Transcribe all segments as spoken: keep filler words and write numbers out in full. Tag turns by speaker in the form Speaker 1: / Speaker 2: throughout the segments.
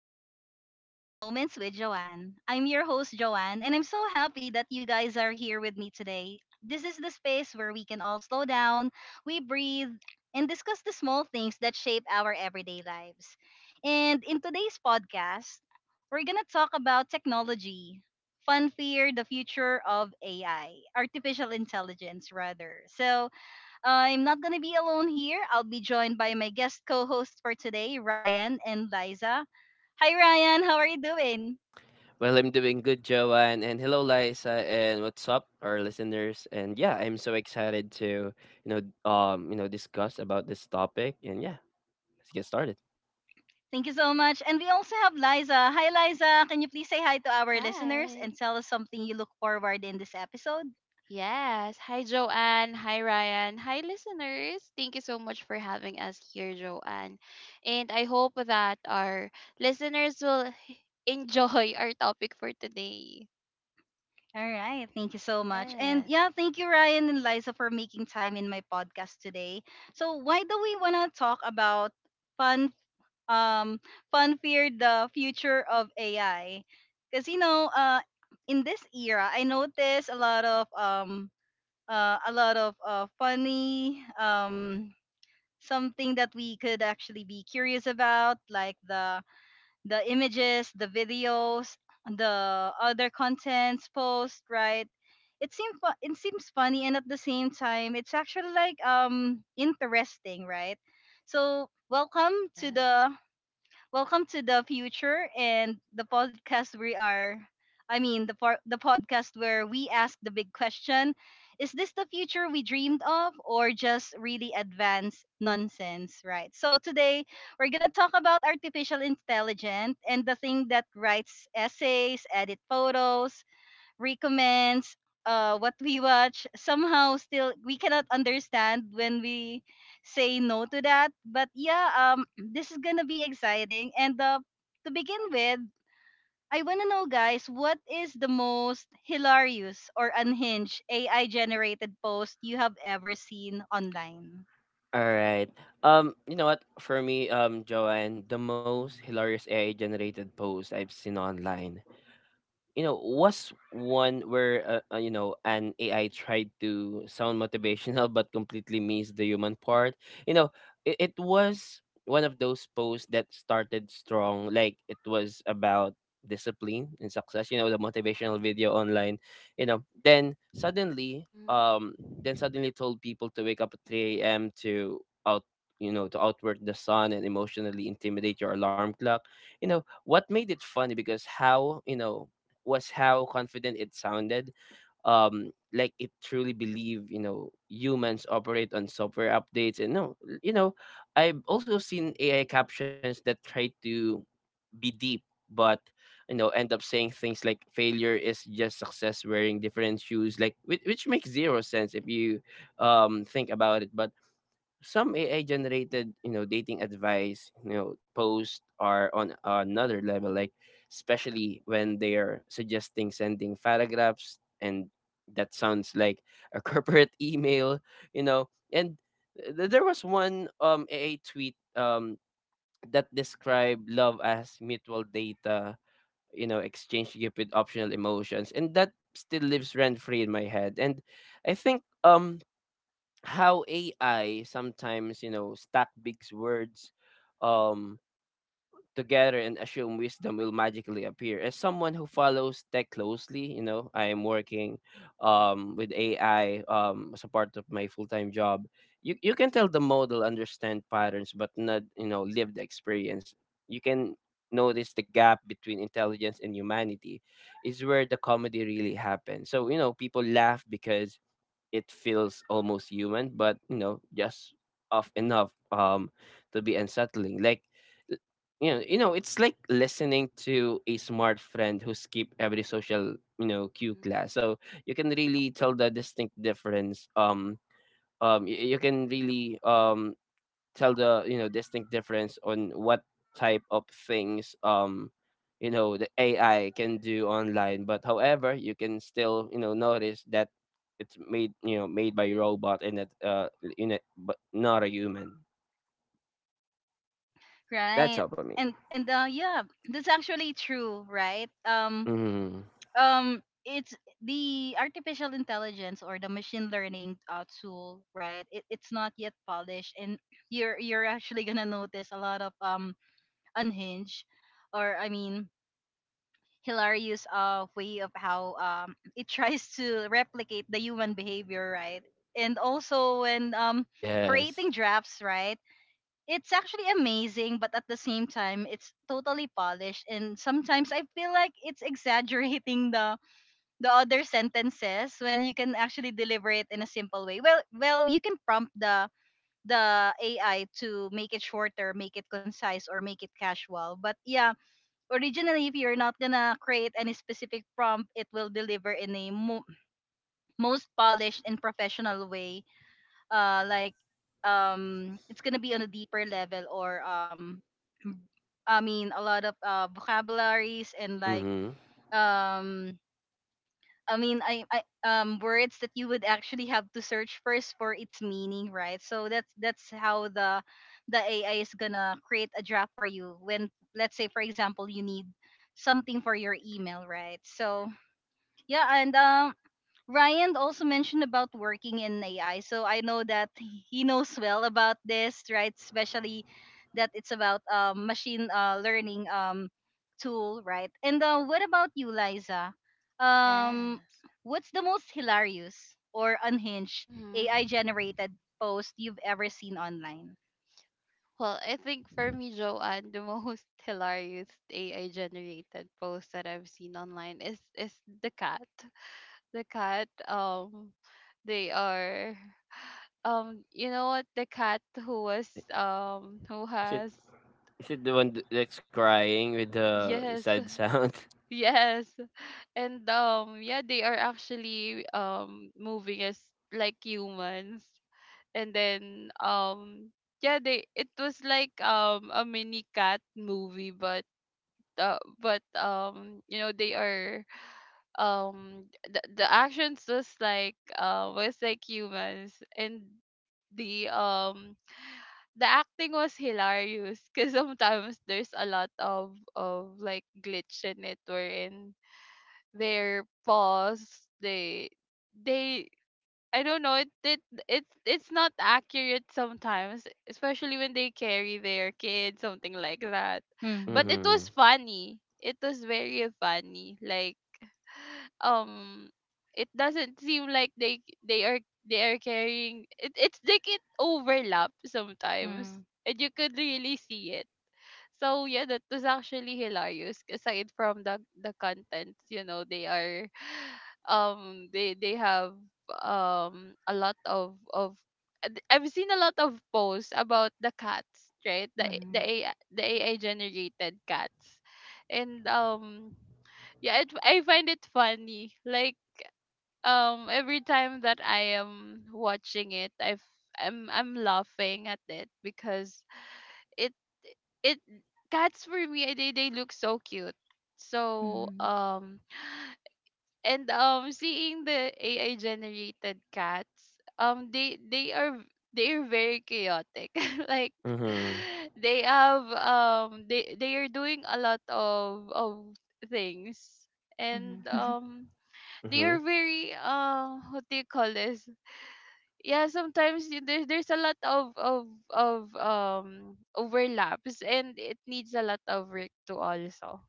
Speaker 1: and welcome to Mindful Moments with Joanne. I'm your host, Joanne, and I'm so happy that you guys are here with me today. This is the space where we can all slow down, we breathe, and discuss the small things that shape our everyday lives. And in today's podcast, we're going to talk about technology, fun fear, the future of A I, artificial intelligence, rather. So, I'm not going to be alone here. I'll be joined by my guest co host for today, Ryan and Liza. Hi, Ryan. How are you doing?
Speaker 2: Well, I'm doing good, Joanne, and hello, Liza, and what's up, our listeners? And yeah, I'm so excited to you know um you know discuss about this topic, and yeah, let's get started.
Speaker 1: Thank you so much. And we also have Liza. Hi, Liza. Can you please say hi to our listeners
Speaker 3: Hi.
Speaker 1: and tell us something you look forward in this episode?
Speaker 3: Yes. Hi, Joanne. Hi, Ryan. Hi, listeners. Thank you so much for having us here, Joanne. And I hope that our listeners will enjoy our topic for today.
Speaker 1: All right. Thank you so much. And
Speaker 3: Yes.
Speaker 1: yeah, thank you, Ryan and Liza, for making time in my podcast today. So, why do we want to talk about fun um, fun fear the future of A I? Because you know, uh, in this era, I noticed a lot of um, uh, a lot of uh, funny um, something that we could actually be curious about, like the the images, the videos, the other contents post, right? It seems fu- it seems funny, and at the same time, it's actually like um interesting, right? So welcome to the Welcome to the future and the podcast we are I mean the por- the podcast where we ask the big question, is this the future we dreamed of or just really advanced nonsense, right? So today we're going to talk about artificial intelligence and the thing that writes essays, edit photos, recommends uh what we watch somehow still we cannot understand when we say no to that, but yeah um This is gonna be exciting, and uh to begin with, I want to know, guys, what is the most hilarious or unhinged AI generated post you have ever seen online?
Speaker 2: All right. Um, you know what? For me, um, Joanne, the most hilarious A I generated post I've seen online you know was one where uh, uh, you know an AI tried to sound motivational but completely missed the human part you know it, it was one of those posts that started strong, like it was about discipline and success you know the motivational video online. You know then suddenly
Speaker 3: Mm-hmm.
Speaker 2: um then suddenly told people to wake up at three a m to out you know to outwork the sun and emotionally intimidate your alarm clock. You know what made it funny, because how you know was how confident it sounded. Um, like, it truly believe you know humans operate on software updates. And no, l- you know, I've also seen A I captions that try to be deep, but you know end up saying things like failure is just success wearing different shoes, like which, which makes zero sense if you um think about it. But some A I generated, you know, dating advice, you know, posts are on another level, like especially when they are suggesting sending paragraphs, and that sounds like a corporate email, you know. And th- there was one um A I tweet um that described love as mutual data, you know, exchange gift with optional emotions, and that still lives rent free in my head. And I think um how A I sometimes, you know, stack big words um together and assume wisdom will magically appear. As someone who follows tech closely, you know, I am working um with A I um as a part of my full-time job. You you can tell the model understand patterns but not, you know, lived experience. You can notice the gap between intelligence and humanity is where the comedy really happens. So, you know, people laugh because it feels almost human, but you know, just off enough um to be unsettling. Like, l- you know, you know, it's like listening to a smart friend who skip every social, you know, cue
Speaker 3: Mm-hmm.
Speaker 2: class. So you can really tell the distinct difference. Um um y- you can really um tell the you know distinct difference on what type of things um you know the A I can do online. But however, you can still you know notice that it's made you know made by robot, and that uh in it but not a human. That's
Speaker 1: Right.
Speaker 2: all for me.
Speaker 1: And and uh yeah, that's actually true, right um
Speaker 2: Mm-hmm.
Speaker 1: um It's the artificial intelligence or the machine learning uh, tool, right? It, it's not yet polished, and you're you're actually gonna notice a lot of um unhinged, or i mean hilarious uh way of how um it tries to replicate the human behavior, right? And also when um
Speaker 2: Yes.
Speaker 1: creating drafts, right? It's actually amazing, but at the same time it's totally polished, and sometimes I feel like it's exaggerating the the other sentences when you can actually deliver it in a simple way. Well, well, you can prompt the the A I to make it shorter, make it concise, or make it casual. But yeah, originally, if you're not gonna create any specific prompt, it will deliver in a mo- most polished and professional way. Uh, like um, it's gonna be on a deeper level, or um, I mean, a lot of uh vocabularies, and like
Speaker 2: Mm-hmm.
Speaker 1: um I mean, I, I um words that you would actually have to search first for its meaning, right? So that's that's how the the A I is gonna create a draft for you when, let's say for example, you need something for your email, right? So yeah, and um Ryan also mentioned about working in A I. So I know that he knows well about this, right? Especially that it's about um, machine uh, learning um, tool, right? And uh, what about you, Liza? Um,
Speaker 3: Yes.
Speaker 1: what's the most hilarious or unhinged A I
Speaker 3: Mm-hmm.
Speaker 1: generated post you've ever seen online?
Speaker 3: Well, I think for me, Joanne, the most hilarious A I generated post that I've seen online is is the cat. The cat, um, they are. Um, you know what? The cat who was um who
Speaker 2: Is it
Speaker 3: has
Speaker 2: is it the one th- that's crying with the
Speaker 3: yes,
Speaker 2: sad sound?
Speaker 3: yes, and um yeah, they are actually um moving as like humans, and then um yeah, they it was like um a mini cat movie, but. Uh, but um you know they are um the, the actions was like uh was like humans, and the um the acting was hilarious because sometimes there's a lot of of like glitch in it wherein their paws they they I don't know it it it's it's not accurate sometimes, especially when they carry their kids, something like that. But
Speaker 1: Mm-hmm.
Speaker 3: it
Speaker 2: Mm-hmm.
Speaker 3: was funny, it was very funny, like um it doesn't seem like they they are they are carrying it, it's like it overlaps sometimes and you could really see it. So yeah, that was actually hilarious. Aside from the the contents, you know, they are, um, they they have um a lot of of and I've seen a lot of posts about the cats, right? The A-
Speaker 1: Mm-hmm.
Speaker 3: the AI, the A I generated cats, and um, yeah, it, I find it funny. Like um, every time that I am watching it, I've I'm I'm laughing at it because it it cats for me they they look so cute. So
Speaker 1: Mm-hmm.
Speaker 3: um and um seeing the A I generated cats um they they are they are very chaotic like
Speaker 2: Mm-hmm.
Speaker 3: they have um they they are doing a lot of of things.
Speaker 1: Mm-hmm.
Speaker 3: And
Speaker 1: Mm-hmm.
Speaker 3: um they are
Speaker 2: Mm-hmm.
Speaker 3: very uh what do you call this, yeah, sometimes y- there, there's a lot of of of um overlaps and it needs a lot of work too also.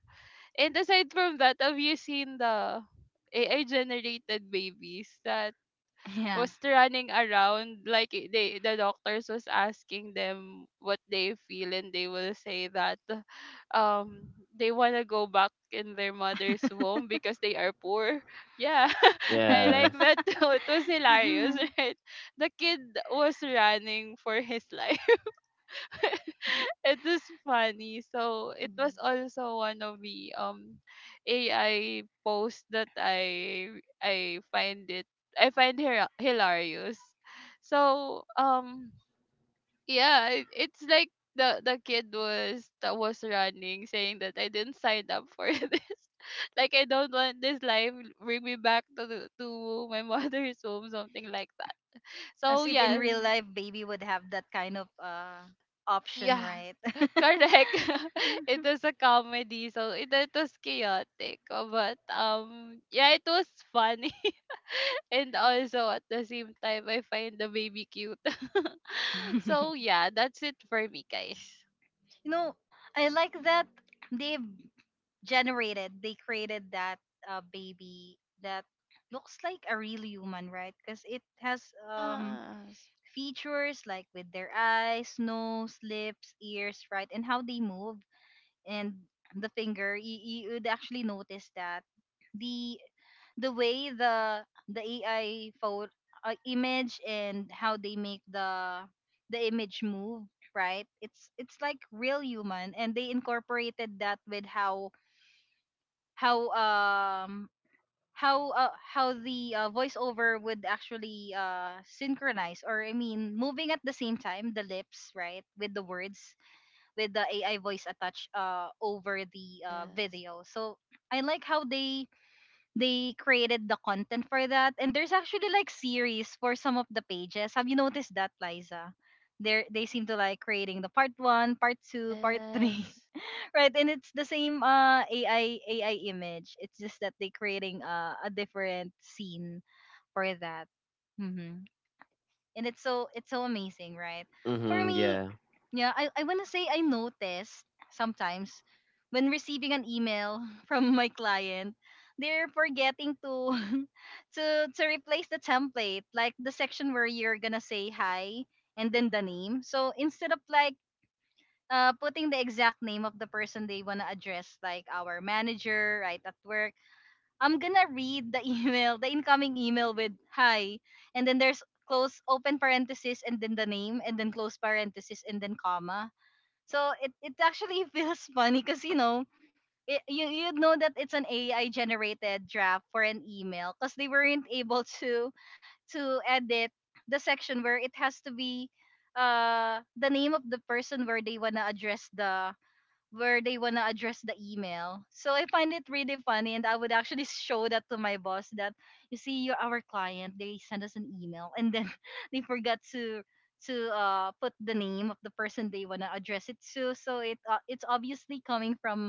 Speaker 3: And aside from that, have you seen the AI generated babies that
Speaker 1: Yeah.
Speaker 3: was running around, like i- they the doctors was asking them what they feel and they will say that um they want to go back in their mother's womb because they are poor? Yeah, I like
Speaker 2: Yes.
Speaker 3: that too. It was hilarious. Right, the kid was running for his life. It is funny. So it was also one of the um A I posts that I I find it, I find her hilarious. So um yeah, it, it's like the the kid was that was running saying that I didn't sign up for this. Like I don't want this life, bring me back to the- to my mother's home, something like that.
Speaker 1: As
Speaker 3: So
Speaker 1: if in
Speaker 3: yeah,
Speaker 1: real life, baby would have that kind of uh, option,
Speaker 3: yeah.
Speaker 1: right?
Speaker 3: Correct. It was a comedy, so it, it was chaotic. uh, But um yeah, it was funny. And also at the same time, I find the baby cute. So
Speaker 1: You
Speaker 3: yeah, that's it for me, guys.
Speaker 1: know, I like that they've generated, they created that uh, baby that looks like a real human, right? Because it has um
Speaker 3: Yes.
Speaker 1: features like with their eyes, nose, lips, ears, right, and how they move and the finger. You, you would actually notice that the the way the the A I photo uh, image, and how they make the the image move, right? It's it's like real human, and they incorporated that with how how um how uh, how the uh, voiceover would actually uh synchronize, or I mean moving at the same time the lips right with the words with the A I voice attached uh over the uh
Speaker 3: Yes.
Speaker 1: video. So I like how they they created the content for that, and there's actually like series for some of the pages. Have you noticed that, Liza? they they seem to like creating the part one, part two, part three.
Speaker 3: Yes.
Speaker 1: Right? And it's the same uh ai ai image, it's just that they creating uh, a different scene for that. Hmm. And it's so, it's so amazing, right? For
Speaker 2: Mm-hmm.
Speaker 1: me,
Speaker 2: Yeah.
Speaker 1: yeah, I, I want to say I noticed sometimes when receiving an email from my client, they're forgetting to to to replace the template, like the section where you're gonna say hi and then the name. So instead of like uh, putting the exact name of the person they wanna address, like our manager, right at work, I'm gonna read the email, the incoming email, with hi, and then there's close open parenthesis, and then the name, and then close parenthesis, and then comma. So it, it actually feels funny because you know it, you you know that it's an A I generated draft for an email because they weren't able to to edit the section where it has to be uh the name of the person where they wanna address the where they want to address the email. So I find it really funny, and I would actually show that to my boss that you see, you are our client, they send us an email, and then they forgot to to uh, put the name of the person they want to address it to. So it uh, it's obviously coming from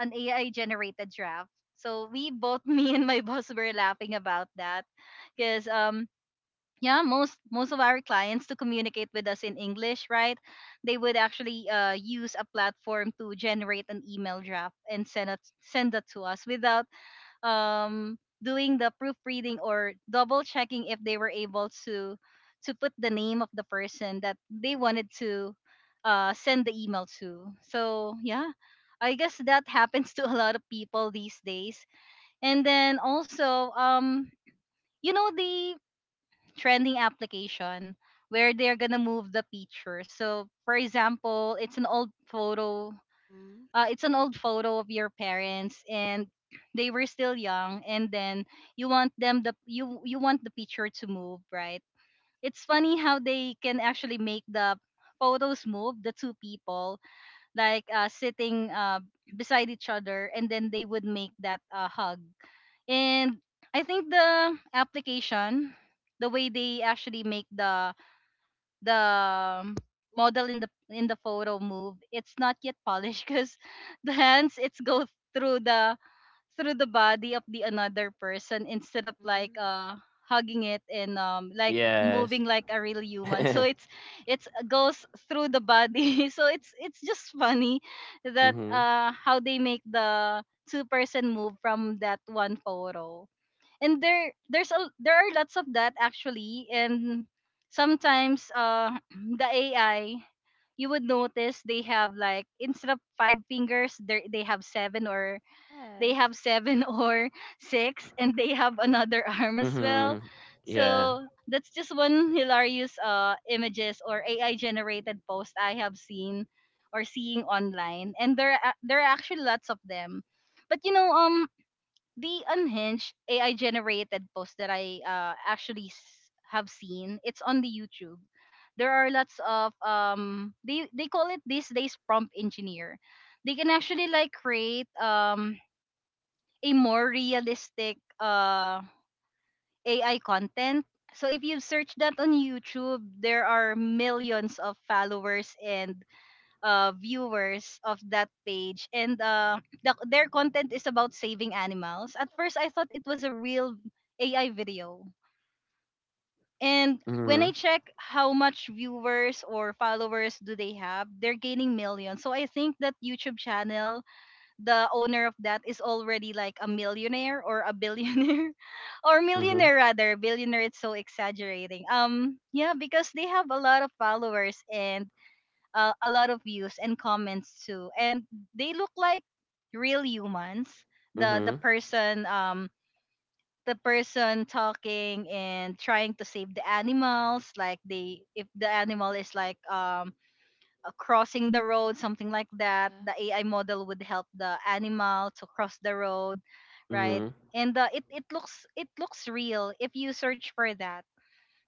Speaker 1: an A I generated draft. So we both me and my boss were laughing about that, because um yeah, most most of our clients to communicate with us in English, right? They would actually uh, use a platform to generate an email draft and send it send that to us without um doing the proofreading or double checking if they were able to to put the name of the person that they wanted to uh, send the email to. So yeah, I guess that happens to a lot of people these days. And then also um you know the trending application where they're gonna move the picture. So for example, it's an old photo.
Speaker 3: Mm-hmm.
Speaker 1: Uh, it's an old photo of your parents and they were still young, and then you want them the you you want the picture to move, right? It's funny how they can actually make the photos move, the two people like uh, sitting uh, beside each other, and then they would make that uh, hug. And I think the application, the way they actually make the the um, model in the in the photo move, it's not yet polished, because the hands it's go through the through the body of the another person instead of like
Speaker 3: Mm-hmm.
Speaker 1: uh hugging it and um like
Speaker 2: Yes.
Speaker 1: moving like a real human.
Speaker 2: Mm-hmm.
Speaker 1: So it's it's uh, goes through the body. So it's it's just funny that uh how they make the two person move from that one photo. And there there's a there are lots of that actually. And sometimes uh the A I, you would notice they have like instead of five fingers they they have seven, or they have
Speaker 3: Yes.
Speaker 1: seven or six, and they have another arm as well.
Speaker 2: Mhm. Yeah.
Speaker 1: So that's just one hilarious uh images or A I generated post I have seen or seeing online, and there are- there are actually lots of them. But you know, um the unhinged A I generated post that I uh, actually s- have seen, it's on the YouTube. There are lots of um they they call it these days prompt engineer. They can actually like create um a more realistic uh A I content. So if you search that on YouTube, there are millions of followers and uh, viewers of that page, and uh, the, their content is about saving animals. At first, I thought it was a real A I video, and when I
Speaker 2: Mhm.
Speaker 1: check how much viewers or followers do they have, they're gaining millions. So I think that YouTube channel, the owner of that is already like a millionaire or a billionaire, or
Speaker 2: Mhm.
Speaker 1: millionaire rather. Billionaire, it's so exaggerating. Um, yeah, because they have a lot of followers and uh, a lot of views and comments too and they look like real humans, the the
Speaker 2: Mhm.
Speaker 1: person um The person talking and trying to save the animals, like, they if the animal is like um uh, crossing the road, something like that,
Speaker 3: Yeah.
Speaker 1: the ai model would help the animal to cross the road, right?
Speaker 2: Mhm.
Speaker 1: And uh, it it looks, it looks real if you search for that.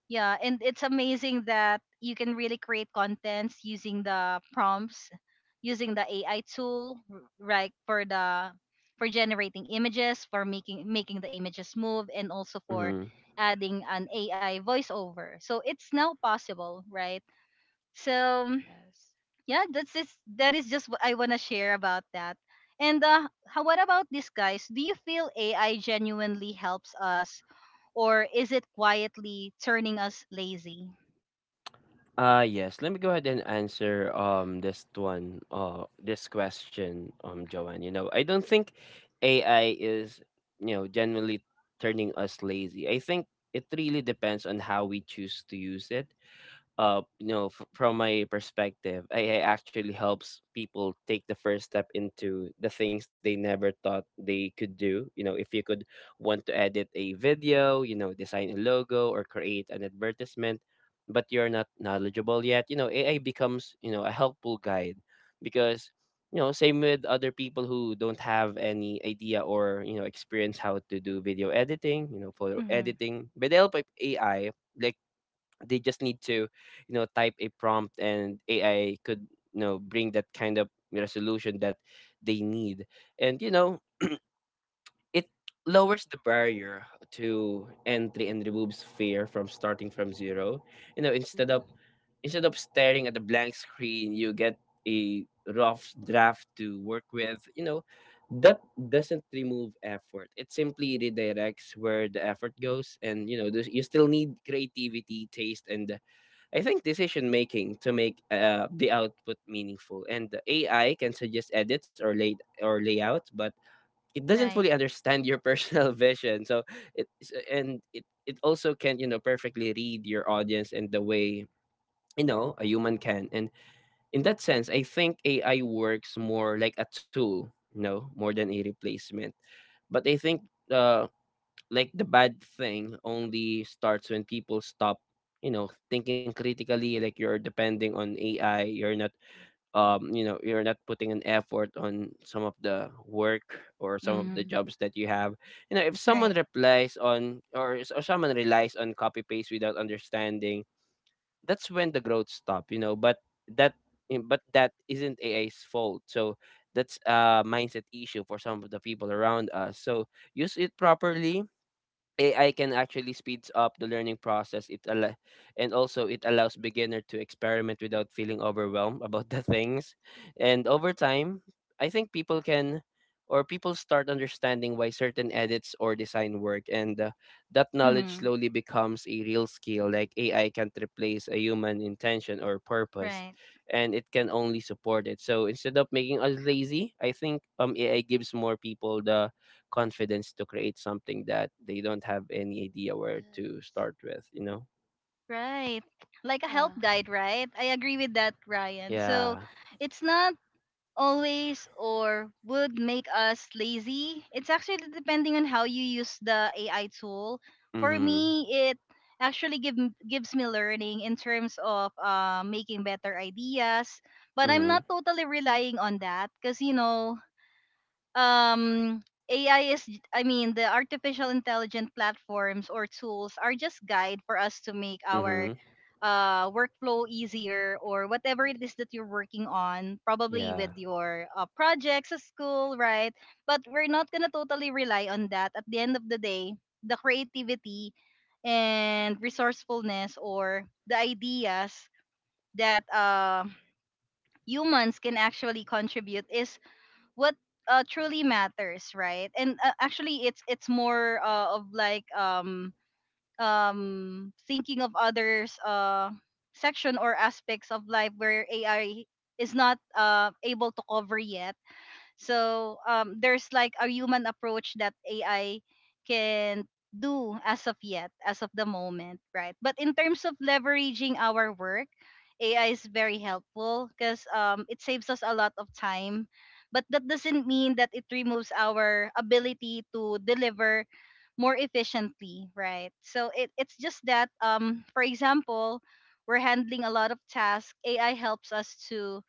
Speaker 1: Yeah, and it's amazing that you can really create contents using the prompts, using the A I tool, r- right? For the for generating images, for making making the images move, and also for
Speaker 2: Mhm.
Speaker 1: adding an A I voiceover. So it's now possible, right? So mm,
Speaker 3: Yes.
Speaker 1: yeah, that's just that is just what I wanna share about that. And uh, how what about this, guys? Do you feel A I genuinely helps us, or is it quietly turning us lazy?
Speaker 2: Ah, yes. Let me go ahead and answer um this one uh this question, um Joanne. You know, I don't think A I is you know generally turning us lazy. I think it really depends on how we choose to use it. Uh you know f- from my perspective, A I actually helps people take the first step into the things they never thought they could do. You know if you could want to edit a video, you know design a logo, or create an advertisement, but you're not knowledgeable yet, you know A I becomes you know a helpful guide. Because you know same with other people who don't have any idea or you know experience how to do video editing, you know photo
Speaker 1: Mhm.
Speaker 2: editing, with the help of A I. Like, they just need to you know type a prompt, and AI could you know bring that kind of resolution that they need. And you know it lowers the barrier to entry and removes fear from starting from zero. You know instead of
Speaker 3: Mm-hmm.
Speaker 2: instead of staring at a blank screen, you get a rough draft to work with. You know that doesn't remove effort, it simply redirects where the effort goes. And you know there's- you still need creativity, taste, and I think decision making to make uh, the output meaningful. And the A I can suggest edits or lay or layouts, but it doesn't
Speaker 1: Right.
Speaker 2: fully understand your personal vision. So it so- and it it also can you know perfectly read your audience and the way you know a human can. And in that sense, I think A I works more like a tool, you know, more than a replacement. But I think, uh, like, the bad thing only starts when people stop you know thinking critically. Like, you're depending on AI, you're not um you know you're not putting an effort on some of the work or some of the
Speaker 1: Mhm.
Speaker 2: jobs that you have. You know if someone
Speaker 1: Right.
Speaker 2: replies on or, s- or someone relies on copy paste without understanding, that's when the growth stop. you know but that in- but that isn't AI's fault. So that's a mindset issue for some of the people around us, so use it properly. A I can actually speeds up the learning process. It al- and Also, it allows beginner to experiment without feeling overwhelmed about the things. And over time, I think people can or people start understanding why certain edits or design work. And uh, that knowledge
Speaker 1: Mhm.
Speaker 2: slowly becomes a real skill. Like, A I can't replace a human intention or purpose,
Speaker 1: Right.
Speaker 2: and it can only support it. So instead of making us lazy, I think um A I gives more people the confidence to create something that they don't have any idea where to
Speaker 3: Yes.
Speaker 2: start with, you know?
Speaker 1: Right. Like a help
Speaker 3: Yeah.
Speaker 1: guide, right? I agree with that, Ryan. So
Speaker 2: Yeah.
Speaker 1: it's not always or would make us lazy. It's actually depending on how you use the A I tool. For
Speaker 2: Mhm.
Speaker 1: me, it actually give, m- gives me learning in terms of uh, making better ideas. But I'm not
Speaker 2: Mhm.
Speaker 1: totally relying on that because, you know, um A I is j- I mean the artificial intelligent platforms or tools are just guide for us to make our
Speaker 2: Mhm.
Speaker 1: uh workflow easier or whatever it is
Speaker 3: Mm-hmm.
Speaker 1: that you're working on, probably
Speaker 2: Yeah.
Speaker 1: with your uh, projects at school, right? But we're not going to totally rely on that. At the end of the day, the creativity and resourcefulness or the ideas that uh humans can actually contribute is what uh, truly matters, right? And uh, actually it's it's more uh, of like um um thinking of others, uh, section or aspects of life where ai is not uh able to cover yet. So um, there's like a human approach that A I can do as of yet, as of the moment, right? But in terms of leveraging our work, A I is very helpful because um, it saves us a lot of time. But that doesn't mean that it removes our ability to deliver more efficiently, right? So it, it's just that, um, for example, we're handling a lot of tasks. A I helps us to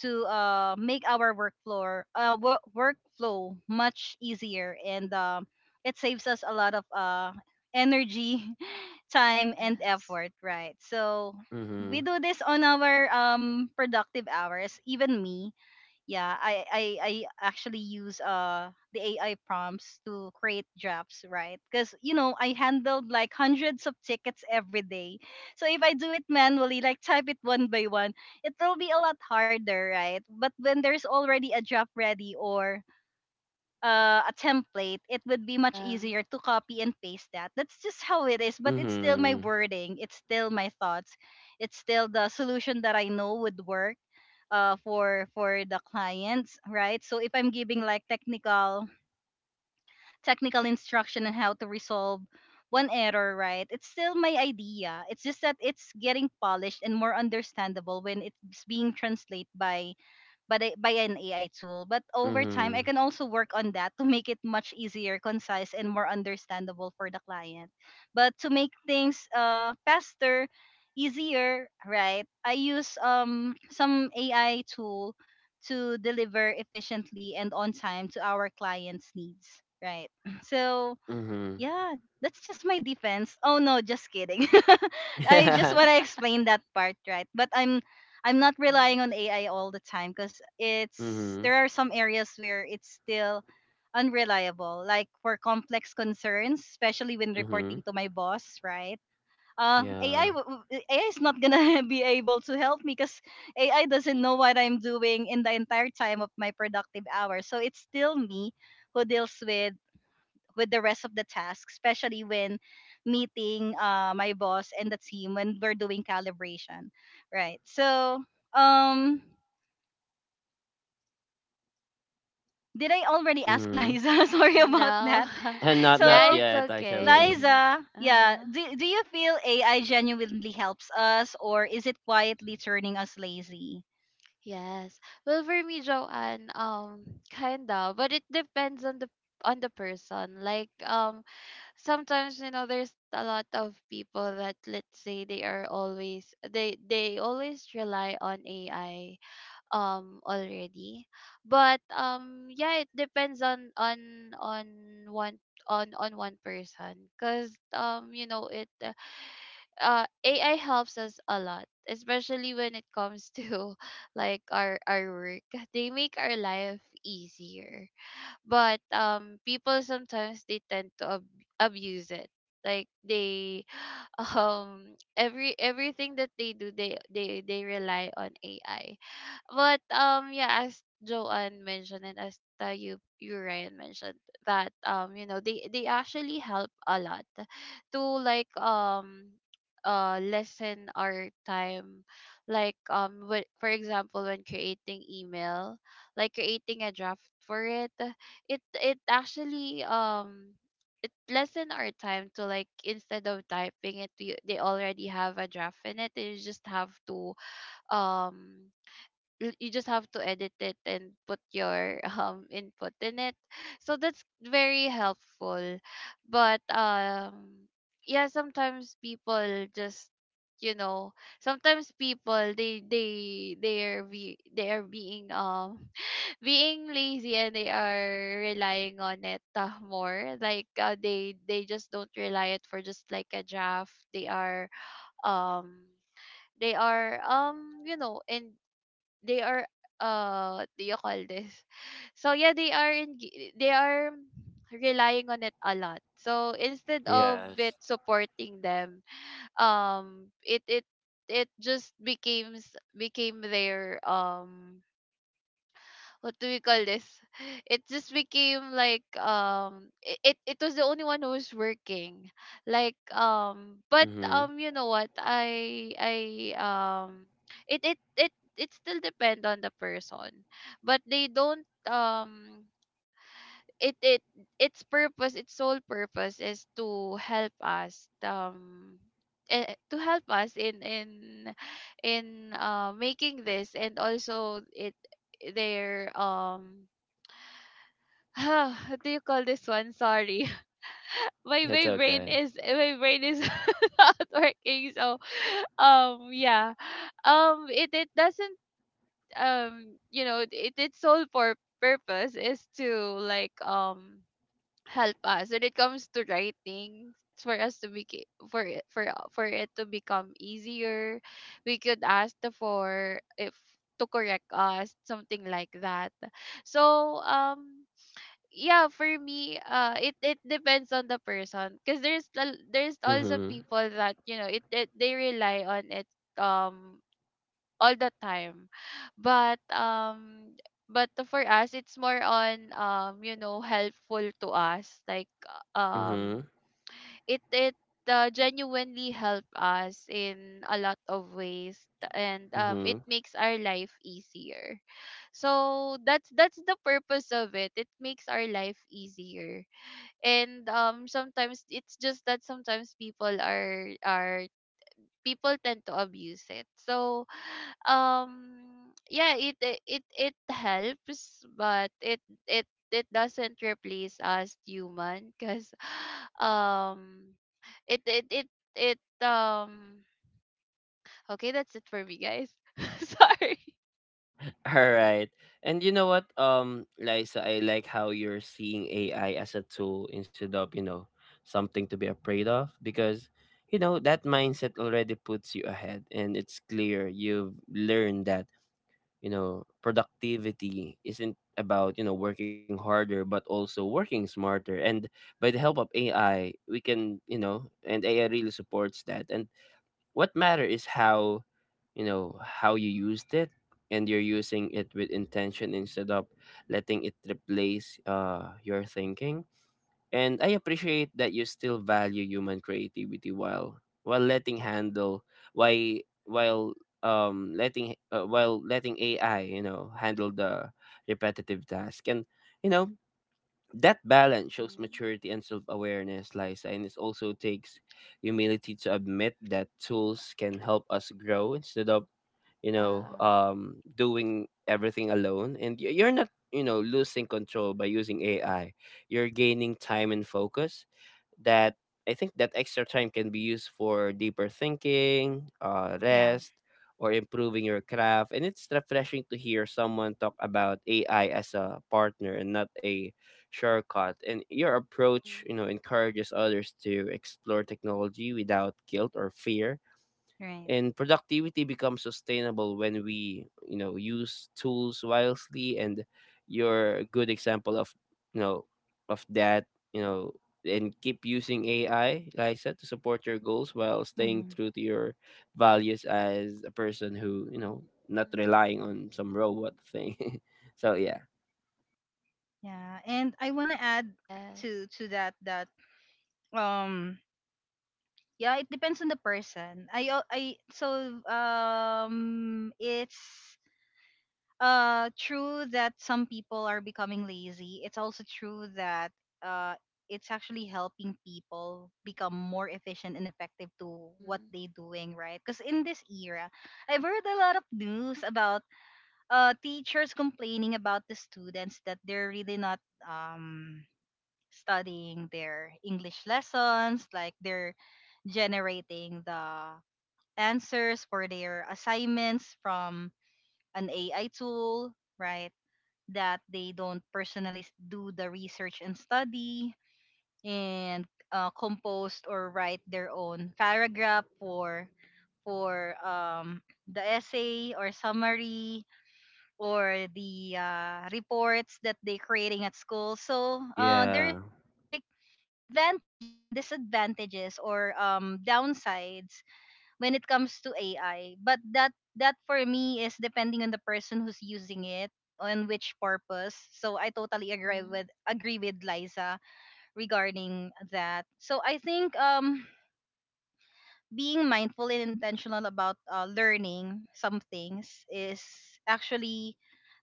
Speaker 1: to uh, make our workflow, uh, work workflow much easier, and um, it saves us a lot of uh, energy, time, and
Speaker 3: Yes.
Speaker 1: effort. Right. So we
Speaker 2: Mhm.
Speaker 1: do this on our um, productive hours. Even me, yeah i i, I actually use uh the ai prompts to create drafts, right? Because you know I handled like hundreds of tickets every day, so if I do it manually, like type it one by one, it will be a lot harder, right? But when there's already a draft ready or uh, a template, it would be much
Speaker 3: Yeah.
Speaker 1: easier to copy and paste that. That's just how it is, but it's still my
Speaker 2: Mhm.
Speaker 1: wording, it's still my thoughts, it's still the solution that I know would work uh, for for the clients, right? So if I'm giving like technical technical instruction on how to resolve one error, right, it's still my idea. It's just that it's getting polished and more understandable when it's being translated by but I, by an A I tool. But over time, I
Speaker 2: Mhm.
Speaker 1: can also work on that to make it much easier, concise, and more understandable for the client. But to make things uh, faster, easier, right? I use um some A I tool to deliver efficiently and on time to our clients' needs, right? So
Speaker 2: Mhm.
Speaker 1: yeah, that's just my defense. Oh no, just kidding. I
Speaker 3: Yeah.
Speaker 1: just
Speaker 2: Yeah.
Speaker 1: want to explain that part, right? But I'm I'm not
Speaker 3: Yes.
Speaker 1: relying on A I all the time because it's
Speaker 2: Mhm.
Speaker 1: there are some areas where it's still unreliable, like for complex concerns, especially when
Speaker 2: Mhm.
Speaker 1: reporting to my boss, right? Uh,
Speaker 2: Yeah.
Speaker 1: AI A I is not gonna be able to help me because A I doesn't know what I'm doing in the entire time of my productive hours. So it's still me who deals with with the rest of the task, especially when meeting uh, my boss and the team when we're doing calibration. Right. So, um, did I already ask
Speaker 2: Mhm.
Speaker 1: Liza? Sorry about
Speaker 3: No.
Speaker 1: that.
Speaker 2: And not not
Speaker 3: Yeah,
Speaker 1: So,
Speaker 3: it's
Speaker 2: yet actually.
Speaker 3: okay.
Speaker 1: Liza, yeah,
Speaker 3: Uh-huh.
Speaker 1: do, do you feel A I genuinely helps us or is it quietly turning us lazy?
Speaker 3: Yes. Well, for me, Joanne, um, kinda, but it depends on the on the person. Like, um, sometimes, you know, there's a lot of people that, let's say, they are always they they always rely on A I, um, already. But um, yeah, it depends on on on one on on one person, cause um, you know it uh A I helps us a lot, especially when it comes to like our our work. They make our life easier. But um people sometimes they tend to ab- abuse it. Like they um every everything that they do they they they rely on A I. But um yeah, as Joanne mentioned, and as uh, you you Ryan mentioned that um you know they they actually help a lot to like um uh lessen our time, like um wh- for example, when creating email, like creating a draft for it, it it actually um it lessen our time to, like instead of typing it we, they already have a draft in it, you just have to um you you just have to edit it and put your um input in it, so that's very helpful. But um yeah, sometimes people just, you know, sometimes people they they they are be, they are being um being lazy and they are relying on it uh, more. Like uh, they they just don't rely it for just like a draft, they are um they are um you know, and they are uh do you call this so yeah, they are in they are relying on it a lot, so instead of it
Speaker 2: Yes.
Speaker 3: supporting them, um it it it just becomes became their um what do we call this? It just became like um it, it it was the only one who was working. Like um but
Speaker 2: Mhm.
Speaker 3: um you know what, I I um it it it it still depend on the person. But they don't um it it its purpose, its sole purpose is to help us um eh, to help us in in in uh making this, and also it their um huh, what do you call this one? Sorry.
Speaker 2: That's
Speaker 3: My my
Speaker 2: okay.
Speaker 3: brain is, my brain is not working. So um yeah. Um it, it doesn't um you know, it its sole for purpose is to, like um help us when it comes to writing, for us to be, for it, for for it to become easier. We could ask the for if to correct us, something like that. So um yeah, for me, uh it it depends on the person because there's al- there's also
Speaker 2: Mhm.
Speaker 3: people that, you know, it, it they rely on it um all the time. But um but for us, it's more on um you know, helpful to us, like uh,
Speaker 2: Mhm.
Speaker 3: um it it uh, genuinely help us in a lot of ways, t- and um, it
Speaker 2: Mhm.
Speaker 3: makes our life easier, so that's that's the purpose of it, it makes our life easier. And um sometimes it's just that sometimes people are are people tend to abuse it. So, um, yeah, it it it it helps, but it it it doesn't replace us human because, um, it it it it um. Okay, that's it for me, guys. Sorry.
Speaker 2: All right. And you know what, um, Liza, I like how you're seeing A I as a tool instead of, you know, something to be afraid of, because, you know, that mindset already puts you ahead, and it's clear you've learned that, you know, productivity isn't about, you know, working harder but also working smarter. And by the help of A I, we can, you know, and A I really supports that. And what matter is how you know how you used it, and you're using it with intention instead of letting it replace uh, your thinking. And I appreciate that you still value human creativity while while letting handle why while um letting uh, while letting AI you know handle the repetitive task. And you know that balance shows
Speaker 3: Mhm.
Speaker 2: maturity and self-awareness, Liza, and it also takes humility to admit that tools can help us grow instead of you know
Speaker 3: Yeah.
Speaker 2: um doing everything alone. And y- you're not you know losing control by using AI, you're gaining time and focus. That I think that extra time can be used for deeper thinking, uh,
Speaker 1: Yeah,
Speaker 2: rest, or improving your craft. And it's refreshing to hear someone talk about A I as a partner and not a shortcut. And your approach,
Speaker 3: Mhm.
Speaker 2: you know, encourages others to explore technology without guilt or fear,
Speaker 1: right.
Speaker 2: and productivity becomes sustainable when we you know use tools wisely. And you're a good example of you know of that you know and keep using A I, Lisa, to support your goals while staying
Speaker 1: Hmm.
Speaker 2: true to your values as a person who, you know, not
Speaker 3: Mhm.
Speaker 2: relying on some robot thing. So yeah.
Speaker 1: Yeah, and I want to add to
Speaker 3: Yes.
Speaker 1: to that that um yeah, it depends on the person. I al- I so um it's uh true that some people are becoming lazy. It's also true that uh it's actually helping people become more efficient and effective to what
Speaker 3: Mhm.
Speaker 1: they're doing, right? Because in this era, I've heard a lot of news about uh teachers complaining about the students that they're really not um studying their English lessons, like they're generating the answers for their assignments from an A I tool, right? That they don't personally s- do the research and study, and uh, compose or write their own paragraph for for um, the essay or summary or the uh, reports that they're creating at school. So uh,
Speaker 2: Yeah.
Speaker 1: there's like advantage and disadvantages or um, downsides when it comes to A I. But that that for me is depending on the person who's using it on which purpose. So I totally agree
Speaker 3: Mhm.
Speaker 1: with agree with Liza regarding that. So I think um being mindful and intentional about uh, learning some things is actually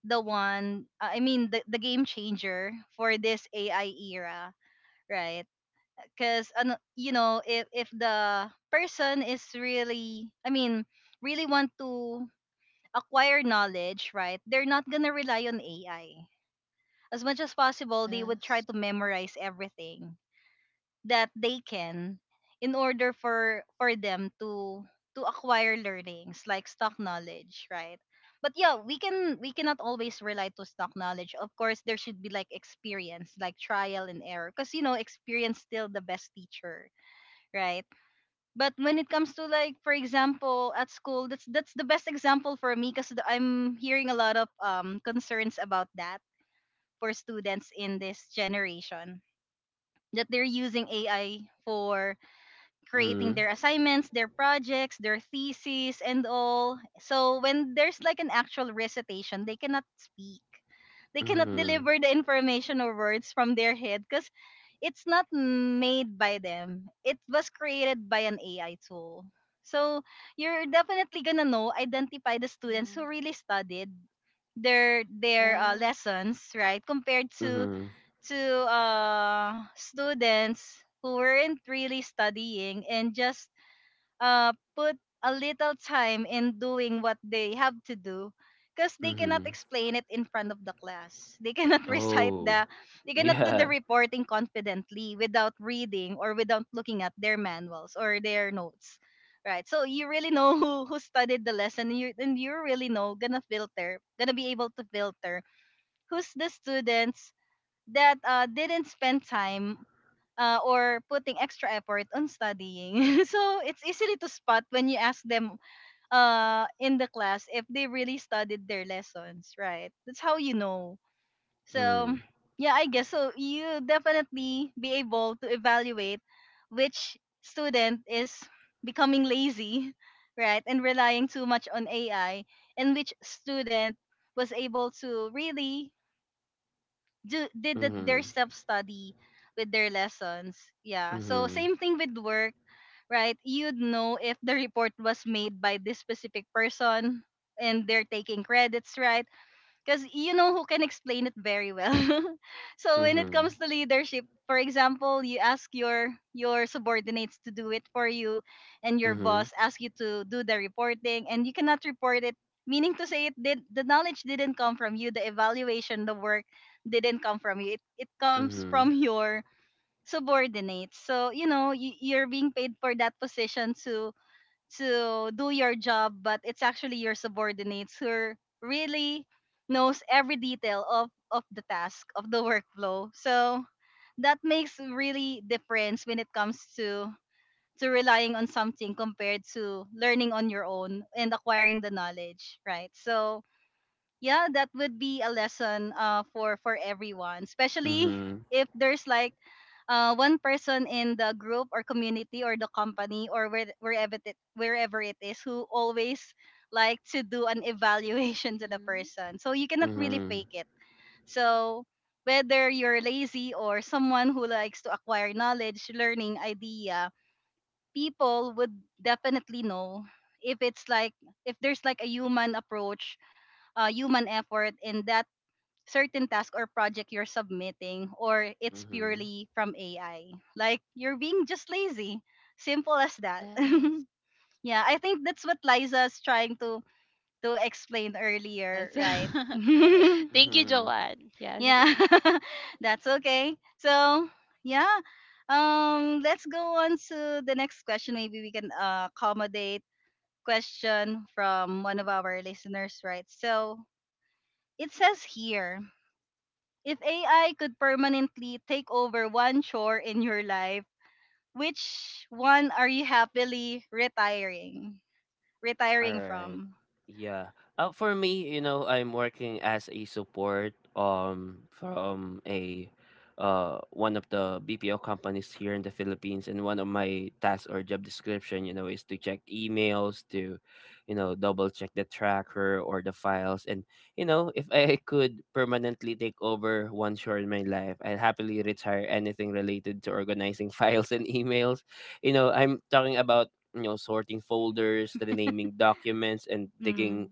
Speaker 1: the one uh, I mean the, the game changer for this A I era, right? Because you know if if the person is really i mean really want to acquire knowledge, right, they're not gonna rely on ai as much as possible. They would try
Speaker 3: Yes.
Speaker 1: to memorize everything that they can in order for for them to to acquire learnings, like stock knowledge, right? But yeah, we can we cannot always rely to stock knowledge. Of course there should be like experience, like trial and error, because you know experience still the best teacher, right? But when it comes to, like, for example, at school, that's that's the best example for me because I'm hearing a lot of um concerns about that for students in this generation that they're using A I for creating
Speaker 2: Mm-hmm.
Speaker 1: their assignments, their projects, their theses, and all. So when there's like an actual recitation, they cannot speak. They cannot
Speaker 2: Mm-hmm.
Speaker 1: deliver the information or words from their head because it's not made by them. It was created by an A I tool. So you're definitely gonna know, identify the students who
Speaker 3: Mhm.
Speaker 1: really studied their their
Speaker 3: Yeah.
Speaker 1: uh, lessons, right? Compared to
Speaker 2: Mm-hmm.
Speaker 1: to uh, students who weren't really studying and just uh, put a little time in doing what they have to do, because they cannot
Speaker 2: Mm-hmm.
Speaker 1: explain it in front of the class. They cannot recite
Speaker 2: Oh.
Speaker 1: the they cannot do the
Speaker 2: Yeah.
Speaker 1: reporting confidently without reading or without looking at their manuals or their notes, right? So you really know who who studied the lesson, and you and you really know gonna filter gonna be able to filter who's the students that uh, didn't spend time uh, or putting extra effort on studying. So it's easily to spot when you ask them uh, in the class if they really studied their lessons, right? That's how you know. So
Speaker 2: Mm.
Speaker 1: yeah, I guess so. You definitely be able to evaluate which student is becoming lazy, right, and relying too much on A I, and which student was able to really do, did the,
Speaker 2: Mm-hmm.
Speaker 1: their
Speaker 3: Mhm.
Speaker 1: self study with their lessons. Yeah. So
Speaker 2: Mm-hmm.
Speaker 1: same thing with work, right? You'd know if the report was made by this specific person and they're taking credits, right? Because you know who can explain it very well. So when it
Speaker 2: Mm-hmm.
Speaker 1: comes to leadership, for example, you ask your your subordinates to do it for you, and your
Speaker 2: Mhm,
Speaker 1: boss asks you to do the reporting, and you cannot report it. Meaning to say, it did the knowledge didn't come from you. The evaluation, the work didn't come from you. It it comes
Speaker 2: mhm,
Speaker 1: from your subordinates. So you know you, you're being paid for that position to to do your job, but it's actually your subordinates who really knows every detail of of the task of the workflow. So that makes really difference when it comes to to relying on something compared to learning on your own and acquiring the knowledge, right? So yeah, that would be a lesson uh for for everyone, especially
Speaker 2: mhm,
Speaker 1: if there's like uh one person in the group or community or the company or where, wherever it wherever it is who always like to do an evaluation to the
Speaker 3: Mhm.
Speaker 1: person, so you cannot really
Speaker 2: mhm,
Speaker 1: fake it. So whether you're lazy or someone who likes to acquire knowledge learning idea, people would definitely know if it's like if there's like a human approach, uh, human effort in that certain task or project you're submitting, or it's
Speaker 2: mhm,
Speaker 1: purely from A I. Like you're being just lazy. Simple as that.
Speaker 3: Yes.
Speaker 1: Yeah, I think that's what Liza's trying to to explain
Speaker 3: Yes.
Speaker 1: earlier, right?
Speaker 3: Thank you,
Speaker 2: mhm.
Speaker 3: Joanne. Yes.
Speaker 1: Yeah. That's okay. So, yeah. Um let's go on to the next question. Maybe we can uh, accommodate question from one of our listeners, right? So, it says here, if A I could permanently take over one chore in your life, which one are you happily retiring?
Speaker 2: All
Speaker 1: Retiring
Speaker 2: right.
Speaker 1: from?
Speaker 2: Yeah. Uh, for me, you know, I'm working as a support um from a uh one of the B P O companies here in the Philippines, and one of my tasks or job description, you know, is to check emails, to you know, double check the tracker or the files. And you know, if I could permanently take over one chore in my life, I'd happily retire anything related to organizing files and emails. You know, I'm talking about you know sorting folders, renaming documents, and
Speaker 1: mm
Speaker 2: digging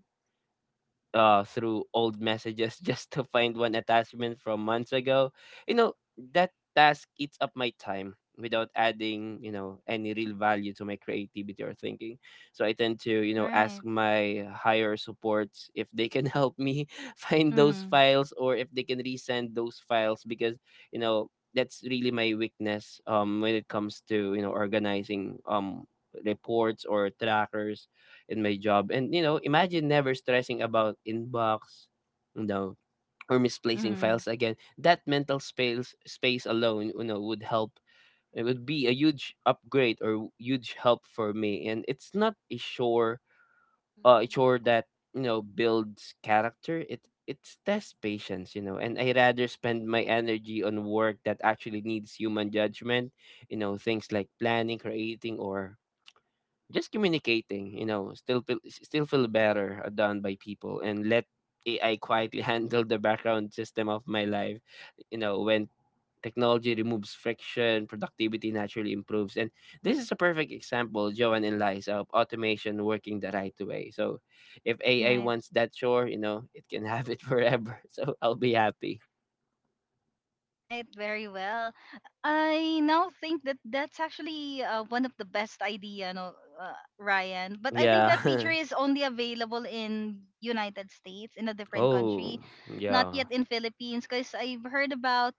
Speaker 2: uh, through old messages just to find one attachment from months ago. You know, that task eats up my time without adding, you know, any real value to my creativity or thinking. So I tend to, you know, ask
Speaker 1: Right.
Speaker 2: my higher supports if they can help me find those
Speaker 1: mm
Speaker 2: files or if they can resend those files, because, you know, that's really my weakness um when it comes to, you know, organizing um reports or trackers in my job. And you know, imagine never stressing about inbox, you know, or misplacing
Speaker 1: mm
Speaker 2: files again. That mental space space alone, you know, would help. It would be a huge upgrade or huge help for me. And it's not a sure uh a
Speaker 3: Mhm.
Speaker 2: chore that, you know, builds character. It it tests patience, you know, and I rather spend my energy on work that actually needs human judgment, you know, things like planning, creating, or just communicating, you know, still feel, still feel better are done by people, and let A I quietly handle the background system of my life. You know, when technology removes friction, productivity naturally improves. And this is a perfect example, Joanne and Liza, of automation working the right way. So if A I
Speaker 1: Right.
Speaker 2: wants that chore, you know, it can have it forever. So I'll be happy.
Speaker 1: Right. Very well. I now think that that's actually uh, one of the best idea, no, uh, Ryan. But I think that feature
Speaker 2: Yeah.
Speaker 1: is only available in United States, in a different
Speaker 2: Oh,
Speaker 1: country, not
Speaker 2: yeah.
Speaker 1: yet in Philippines, because I've heard about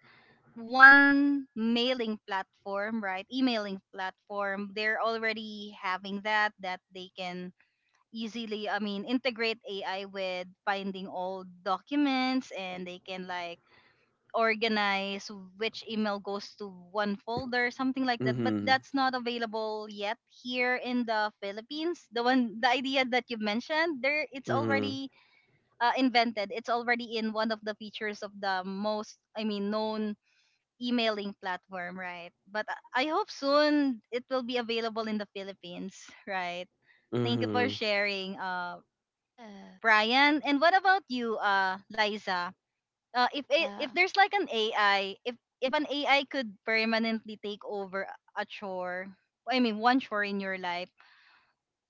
Speaker 1: one mailing platform, right? Emailing platform. They're already having that that they can easily, I mean, integrate A I with finding old documents, and they can like organize which email goes to one folder, something like that. But
Speaker 2: Mm-hmm.
Speaker 1: that's not available yet here in the Philippines. The one the idea that you mentioned, there it's
Speaker 2: Mm-hmm.
Speaker 1: already uh, invented. It's already in one of the features of the most, I mean, known emailing platform, right? But I I hope soon it will be available in the Philippines, right? Thank you for
Speaker 2: Mm-hmm.
Speaker 1: sharing, uh,
Speaker 3: Yes.
Speaker 1: Brian. And what about you, uh, Liza? Uh, if a- if
Speaker 3: Yeah.
Speaker 1: there's like an A I, if if an A I could permanently take over a chore, I mean one chore in your life,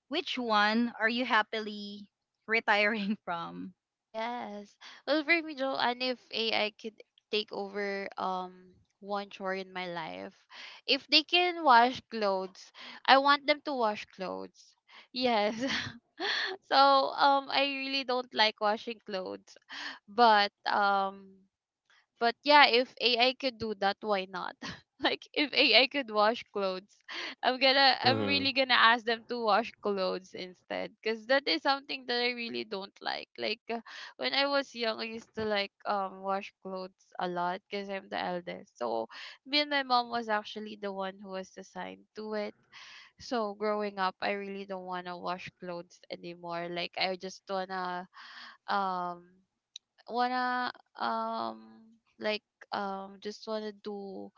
Speaker 1: which one are you happily retiring from?
Speaker 3: Yes. Well, for me, Joanne, if A I could take over um one chore in my life, if they can wash clothes, I want them to wash clothes. Yes. So um, I really don't like washing clothes, but um. But yeah, if A I could do that, why not? Like if A I could wash clothes, I'm gonna I'm
Speaker 2: Mm-hmm.
Speaker 3: really gonna ask them to wash clothes instead, because that is something that I really don't like. Like uh, when I was young, I used to like um wash clothes a lot because I'm the eldest. So me and my mom was actually the one who was assigned to it. So growing up, I really don't wanna wash clothes anymore. Like I just wanna um wanna um like um just wanna do,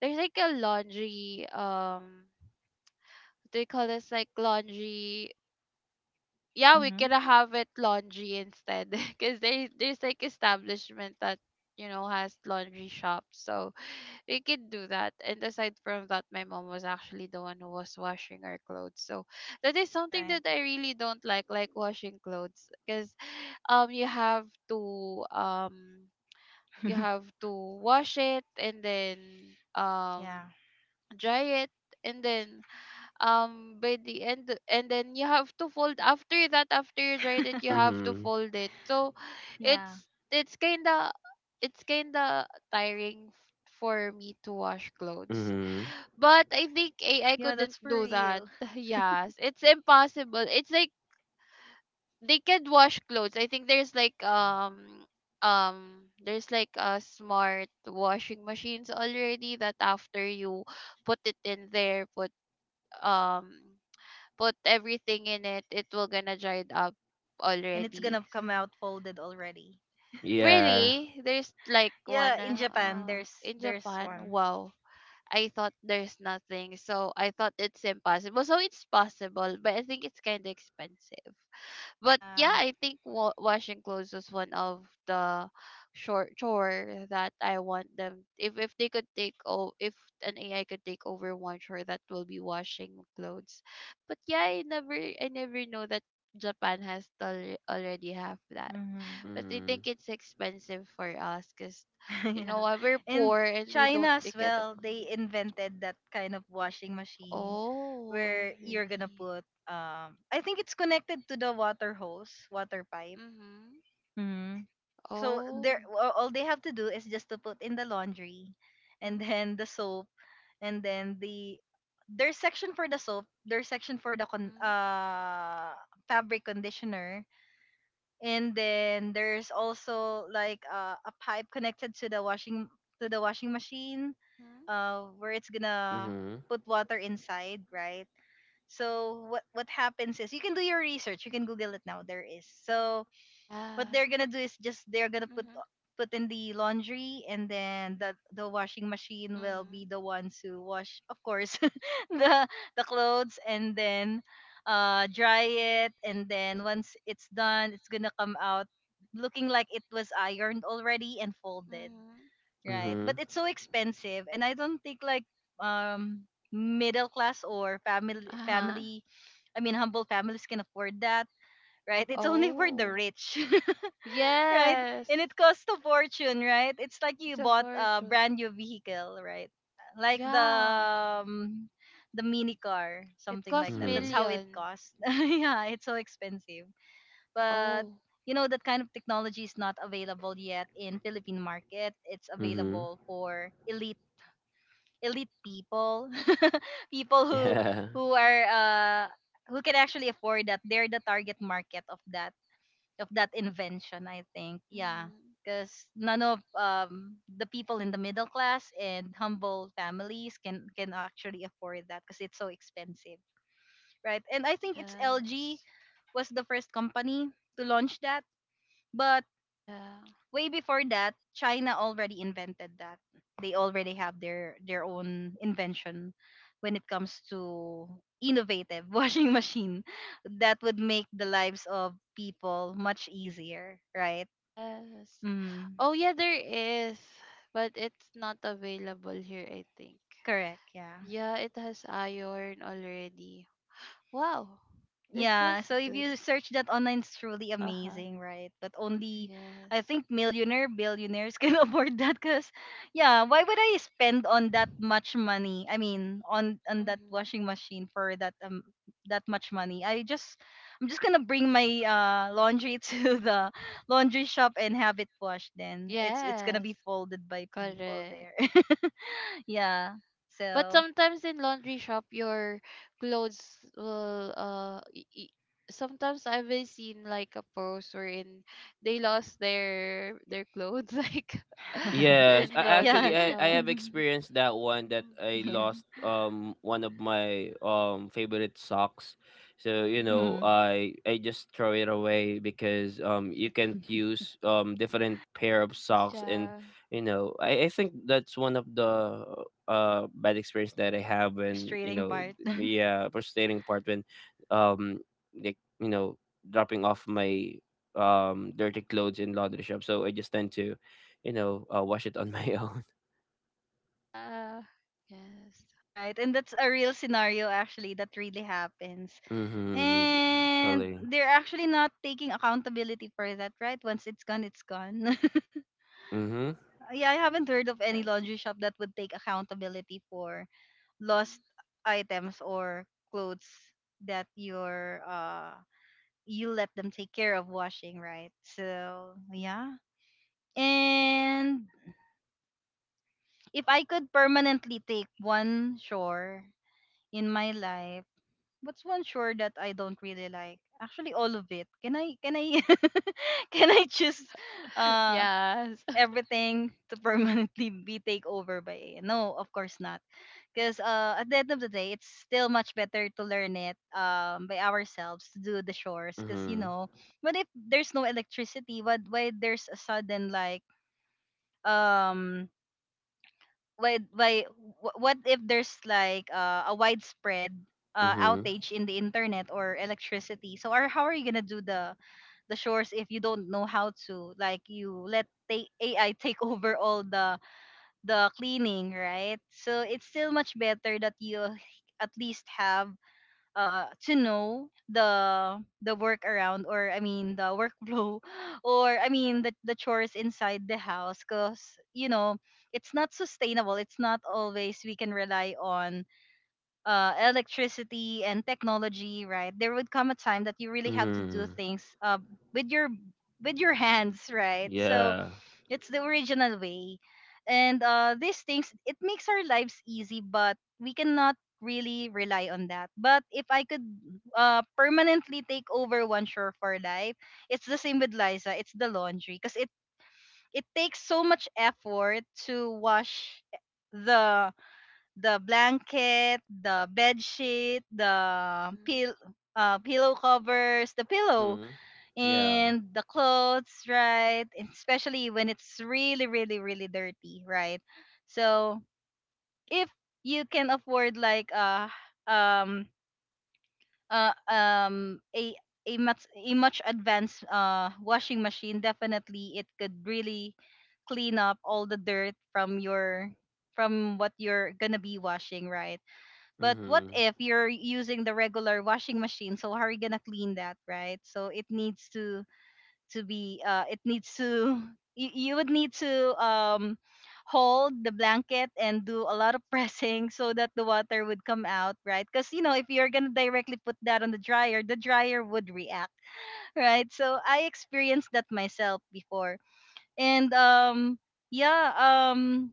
Speaker 3: there's like a laundry um what do you call this, like laundry, yeah, we
Speaker 1: Mm-hmm.
Speaker 3: can have it laundry instead. Because there, there's like establishment that, you know, has laundry shops, so we could do that. And aside from that, my mom was actually the one who was washing our clothes, so that is something
Speaker 1: Right.
Speaker 3: that I really don't like like washing clothes, because um you have to um you have to wash it and then
Speaker 1: yeah.
Speaker 3: um dry it, and then um by the end, and then you have to fold, after that, after you dry it, you have to
Speaker 2: Mm-hmm.
Speaker 3: fold it. So
Speaker 1: yeah.
Speaker 3: it's it's kinda it's kinda tiring, f- for me to wash clothes.
Speaker 2: Mm-hmm.
Speaker 3: But I think AI
Speaker 1: Yeah, that's
Speaker 3: couldn't
Speaker 1: for
Speaker 3: do that.
Speaker 1: real.
Speaker 3: Yes, it's impossible. It's like they can wash clothes. I think there's like um um there's like a smart washing machines already that after you put it in there, put um put everything in it, it will gonna dry it up
Speaker 1: And it's gonna
Speaker 3: already.
Speaker 1: come out folded already.
Speaker 2: Yeah.
Speaker 3: Really? There's like
Speaker 1: Yeah,
Speaker 3: one
Speaker 1: in Japan
Speaker 3: uh,
Speaker 1: there's
Speaker 3: in
Speaker 1: there's
Speaker 3: Japan.
Speaker 1: one.
Speaker 3: Wow. I thought there's nothing. So I thought it's impossible. So it's possible, but I think it's kind of expensive. But
Speaker 1: Yeah.
Speaker 3: yeah, I think wa- washing clothes was one of the short chore that I want them, if if they could take, oh, if an AI could take over one chore, that will be washing clothes. But yeah, i never I never know that Japan has al- already have that.
Speaker 1: Mm-hmm.
Speaker 3: But I
Speaker 2: Mhm.
Speaker 3: think it's expensive for us because, you know,
Speaker 1: yeah.
Speaker 3: uh, we're
Speaker 1: And
Speaker 3: poor and we don't
Speaker 1: China
Speaker 3: we
Speaker 1: as
Speaker 3: can't
Speaker 1: well, they
Speaker 3: afford.
Speaker 1: invented that kind of washing machine
Speaker 3: Oh
Speaker 1: where you're gonna
Speaker 3: really?
Speaker 1: put um I think it's connected to the water hose, water pipe.
Speaker 3: Mm-hmm.
Speaker 1: Mm-hmm. So
Speaker 3: Oh.
Speaker 1: there a- all they have to do is just to put in the laundry and
Speaker 3: Mm-hmm.
Speaker 1: then the soap, and then the there's section for the soap, there's section for the con-
Speaker 3: Mm-hmm.
Speaker 1: uh fabric conditioner, and then there's also like uh, a pipe connected to the washing to the washing machine,
Speaker 3: Mm-hmm.
Speaker 1: uh where it's gonna
Speaker 2: Mhm.
Speaker 1: put water inside, right? So what what happens is you can do your research, you can Google it now. There is so what
Speaker 3: Yeah.
Speaker 1: they're gonna do is just they're gonna put
Speaker 3: Mhm.
Speaker 1: put in the laundry, and then the the washing machine will be
Speaker 3: Mhm.
Speaker 1: the ones who wash, of course the the clothes, and then uh dry it, and then once it's done it's gonna come out looking like it was ironed already and folded,
Speaker 3: Mhm.
Speaker 1: right? But
Speaker 2: Mhm.
Speaker 1: it's so expensive, and I don't think like um middle class or family
Speaker 3: Uh-huh.
Speaker 1: family I mean humble families can afford that, right? It's only for the
Speaker 3: Oh.
Speaker 1: rich. right?
Speaker 3: Yes.
Speaker 1: And it costs a fortune, right? It's like you
Speaker 3: It's a
Speaker 1: bought a
Speaker 3: fortune.
Speaker 1: brand new vehicle, right? Like the
Speaker 3: Yeah.
Speaker 1: um, the mini car,
Speaker 3: It
Speaker 1: something
Speaker 3: costs
Speaker 1: like that. That's
Speaker 2: Mhm.
Speaker 1: how it
Speaker 3: million.
Speaker 1: costs. yeah, it's so expensive. But
Speaker 3: Oh.
Speaker 1: you know that kind of technology is not available yet in Philippine market. It's
Speaker 2: Mhm.
Speaker 1: available for elite elite people, people who
Speaker 2: Yeah.
Speaker 1: who are uh who can actually afford that. They're the target market of that of that invention, I think. Yeah.
Speaker 3: Mhm.
Speaker 1: Because none of um, the people in the middle class and humble families can can actually afford that because it's so expensive, right? And I think it's L G
Speaker 3: Yes.
Speaker 1: was the first company to launch that, but
Speaker 3: Yeah.
Speaker 1: way before that, China already invented that. They already have their their own invention when it comes to innovative washing machine that would make the lives of people much easier, right?
Speaker 3: Yes.
Speaker 1: Mm,
Speaker 3: Oh yeah, there is, but it's not available here, I think.
Speaker 1: correct. Yeah.
Speaker 3: Yeah, it has iron already. Wow. This was
Speaker 1: Yeah. So if
Speaker 3: good.
Speaker 1: you search that online, it's truly
Speaker 3: Uh-huh.
Speaker 1: amazing, right? But only, I
Speaker 3: Yes.
Speaker 1: think, millionaire, billionaires can afford that. Cause, yeah, why would I spend on that much money? I mean, on on that
Speaker 3: Mhm.
Speaker 1: washing machine for that um that much money? I just, I'm just gonna bring my uh laundry to the laundry shop and have it washed. Then it's it's gonna
Speaker 3: Yes.
Speaker 1: be folded by people
Speaker 3: Correct.
Speaker 1: there. yeah.
Speaker 3: But
Speaker 1: So.
Speaker 3: sometimes in laundry shop, your clothes will uh. y- y- sometimes I've been seen like a post wherein they lost their their clothes like
Speaker 2: Yes,
Speaker 3: in
Speaker 2: I,
Speaker 1: yeah.
Speaker 3: laundry
Speaker 2: actually I, I
Speaker 3: shop.
Speaker 2: have experienced that one, that I
Speaker 3: Mm-hmm.
Speaker 1: Yeah.
Speaker 2: lost um one of my um favorite socks. So, you
Speaker 3: Hmm.
Speaker 2: know,
Speaker 1: Mhm.
Speaker 2: I I just throw it away because um you can't use um different pair of socks. And
Speaker 3: Yeah.
Speaker 2: you know, I, I think that's one of the uh bad experience that I have when, you
Speaker 1: Frustrating
Speaker 2: know,
Speaker 1: part.
Speaker 2: yeah, frustrating part when um like, you know, dropping off my um dirty clothes in laundry shop. So I just tend to, you know, uh, wash it on my own.
Speaker 3: Yeah. Yes.
Speaker 1: right. And that's a real scenario actually that really happens.
Speaker 2: Mm-hmm.
Speaker 1: And
Speaker 2: Chilling.
Speaker 1: they're actually not taking accountability for that, right? Once it's gone, it's gone.
Speaker 2: Mm-hmm.
Speaker 1: yeah, I haven't heard of any
Speaker 3: Yes.
Speaker 1: laundry shop that would take accountability for
Speaker 3: Hmm.
Speaker 1: lost items or clothes that you're uh you let them take care of washing, right? So, yeah. And if I could permanently take one shore in my life, what's one shore that I don't really like? Actually, all of it. Can I can I can I choose uh
Speaker 3: Yes.
Speaker 1: everything to permanently be take over by A I? No, of course not. Because uh at the end of the day, it's still much better to learn it um by ourselves to do the shores. Because you
Speaker 2: Mm-hmm.
Speaker 1: know, what if there's no electricity? What Why there's a sudden like um why why wh- what if there's like uh, a widespread uh,
Speaker 2: Mm-hmm.
Speaker 1: outage in the internet or electricity, so are how are you gonna do the the chores if you don't know how to, like you let ta- AI take over all the the cleaning, right? So it's still much better that you at least have uh to know the the work around, or I mean the workflow, or I mean the the chores inside the house, because you know it's not sustainable. It's not always we can rely on uh electricity and technology, right? There would come a time that you really have to do
Speaker 2: Mm-hmm.
Speaker 1: things uh with your with your hands, right? So
Speaker 2: Yeah.
Speaker 1: it's the original way. And uh, these things, it makes our lives easy, but we cannot really rely on that. But if I could uh, permanently take over one chore for life, it's the same with Liza. It's the laundry, because it it takes so much effort to wash the the blanket, the bed sheet, the
Speaker 3: Mhm.
Speaker 1: pill, uh, pillow covers, the pillow
Speaker 2: Mm-hmm. Yeah.
Speaker 1: and the clothes, right? And especially when it's really, really, really dirty, right? So if you can afford like uh um uh um a a much a much advanced uh washing machine, definitely it could really clean up all the dirt from your from what you're gonna be washing, right? But what
Speaker 2: Mm-hmm.
Speaker 1: if you're using the regular washing machine? So how are you gonna clean that, right? So it needs to to be uh it needs to you, you would need to um hold the blanket and do a lot of pressing so that the water would come out right, because you know if you're gonna directly put that on the dryer, the dryer would react. right, so I experienced that myself before. And um yeah um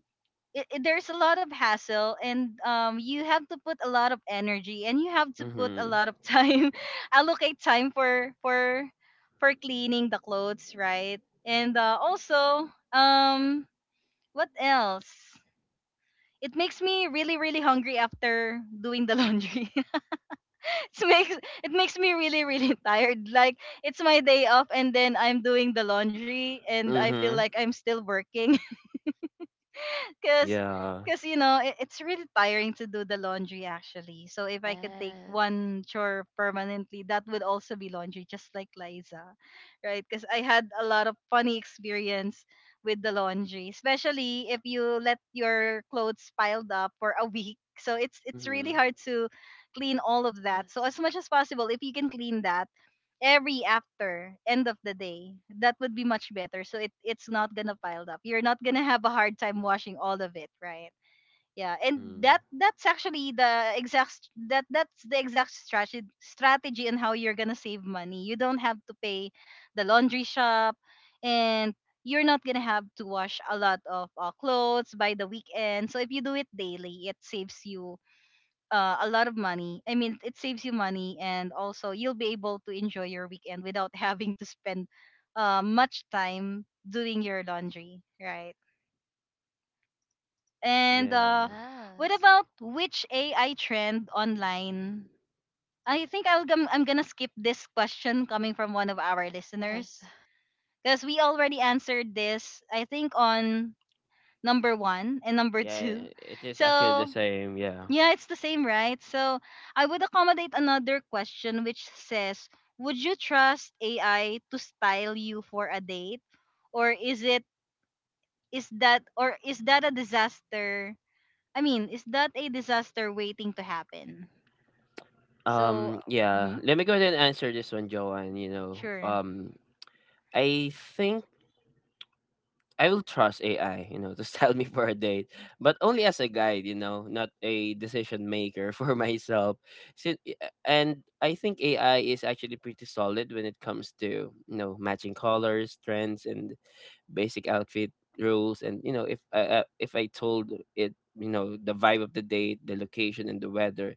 Speaker 1: it, it- there's a lot of hassle, and um you have to put a lot of energy and you have to put a
Speaker 2: Mm-hmm.
Speaker 1: lot of time allocate time for for for cleaning the clothes, right? And uh, also um what else, it makes me really really hungry after doing the laundry. it makes it makes me really really tired, like it's my day off and then I'm doing the laundry and I feel
Speaker 2: Mm-hmm.
Speaker 1: like I'm still working. Cause,
Speaker 2: Yeah.
Speaker 1: cause you know, it, it's really tiring to do the laundry actually. So if I could take
Speaker 3: Yes.
Speaker 1: one chore permanently, that would also be laundry, just like Liza, right? Cause I had a lot of funny experience with the laundry, especially if you let your clothes piled up for a week. So it's it's
Speaker 2: Mm-hmm.
Speaker 1: really hard to clean all of that. So as
Speaker 3: Yes.
Speaker 1: much as possible, if you can clean that every after end of the day, that would be much better, so it it's not gonna pile up, you're not gonna have a hard time washing all of it, right? Yeah, and
Speaker 2: Mm-hmm.
Speaker 1: that that's actually the exact st- that that's the exact strategy strategy and how you're gonna save money. You don't have to pay the laundry shop, and you're not gonna have to wash a lot of uh, clothes by the weekend, so if you do it daily it saves you uh, a lot of money. I mean, it saves you money, and also you'll be able to enjoy your weekend without having to spend uh, much time doing your laundry, right? And
Speaker 2: Yeah.
Speaker 1: uh, what
Speaker 3: Yes.
Speaker 1: about which A I trend online? I think I'll gum- I'm gonna skip this question coming from one of our
Speaker 3: Yes.
Speaker 1: listeners because we already answered this. I think on number one and number
Speaker 2: Yeah,
Speaker 1: two.
Speaker 2: it is actually the
Speaker 1: So
Speaker 2: same, yeah.
Speaker 1: yeah, it's the same, right? So I would accommodate another question which says, would you trust A I to style you for a date? Or is it is that or is that a disaster? I mean, is that a disaster waiting to happen? So,
Speaker 2: Um, yeah.
Speaker 1: mhm,
Speaker 2: Let me go ahead and answer this one, Joanne, you know.
Speaker 1: sure.
Speaker 2: Um I think I will trust A I, you know, to sell me for a date, but only as a guide, you know, not a decision maker for myself. So, uh, and I think A I is actually pretty solid when it comes to, you know, matching colors, trends, and basic outfit rules. And you know, if I uh, if I told it, you know, the vibe of the date, the location, and the weather,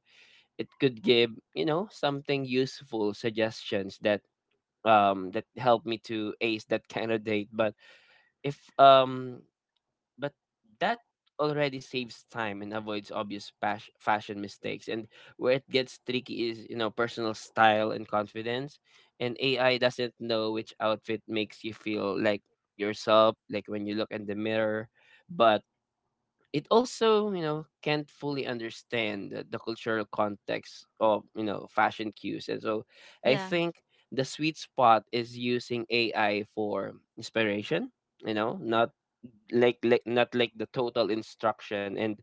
Speaker 2: it could give, you know, something useful suggestions that um that help me to ace that kind of date. But if um but that already saves time and avoids obvious pas- fashion mistakes. And where it gets tricky is, you know, personal style and confidence, and AI doesn't know which outfit makes you feel like yourself, like when you look in the mirror. But it also, you know, can't fully understand the, the cultural context of, you know, fashion cues. And so I
Speaker 1: Yeah.
Speaker 2: think the sweet spot is using AI for inspiration, you know, not like like not like the total instruction, and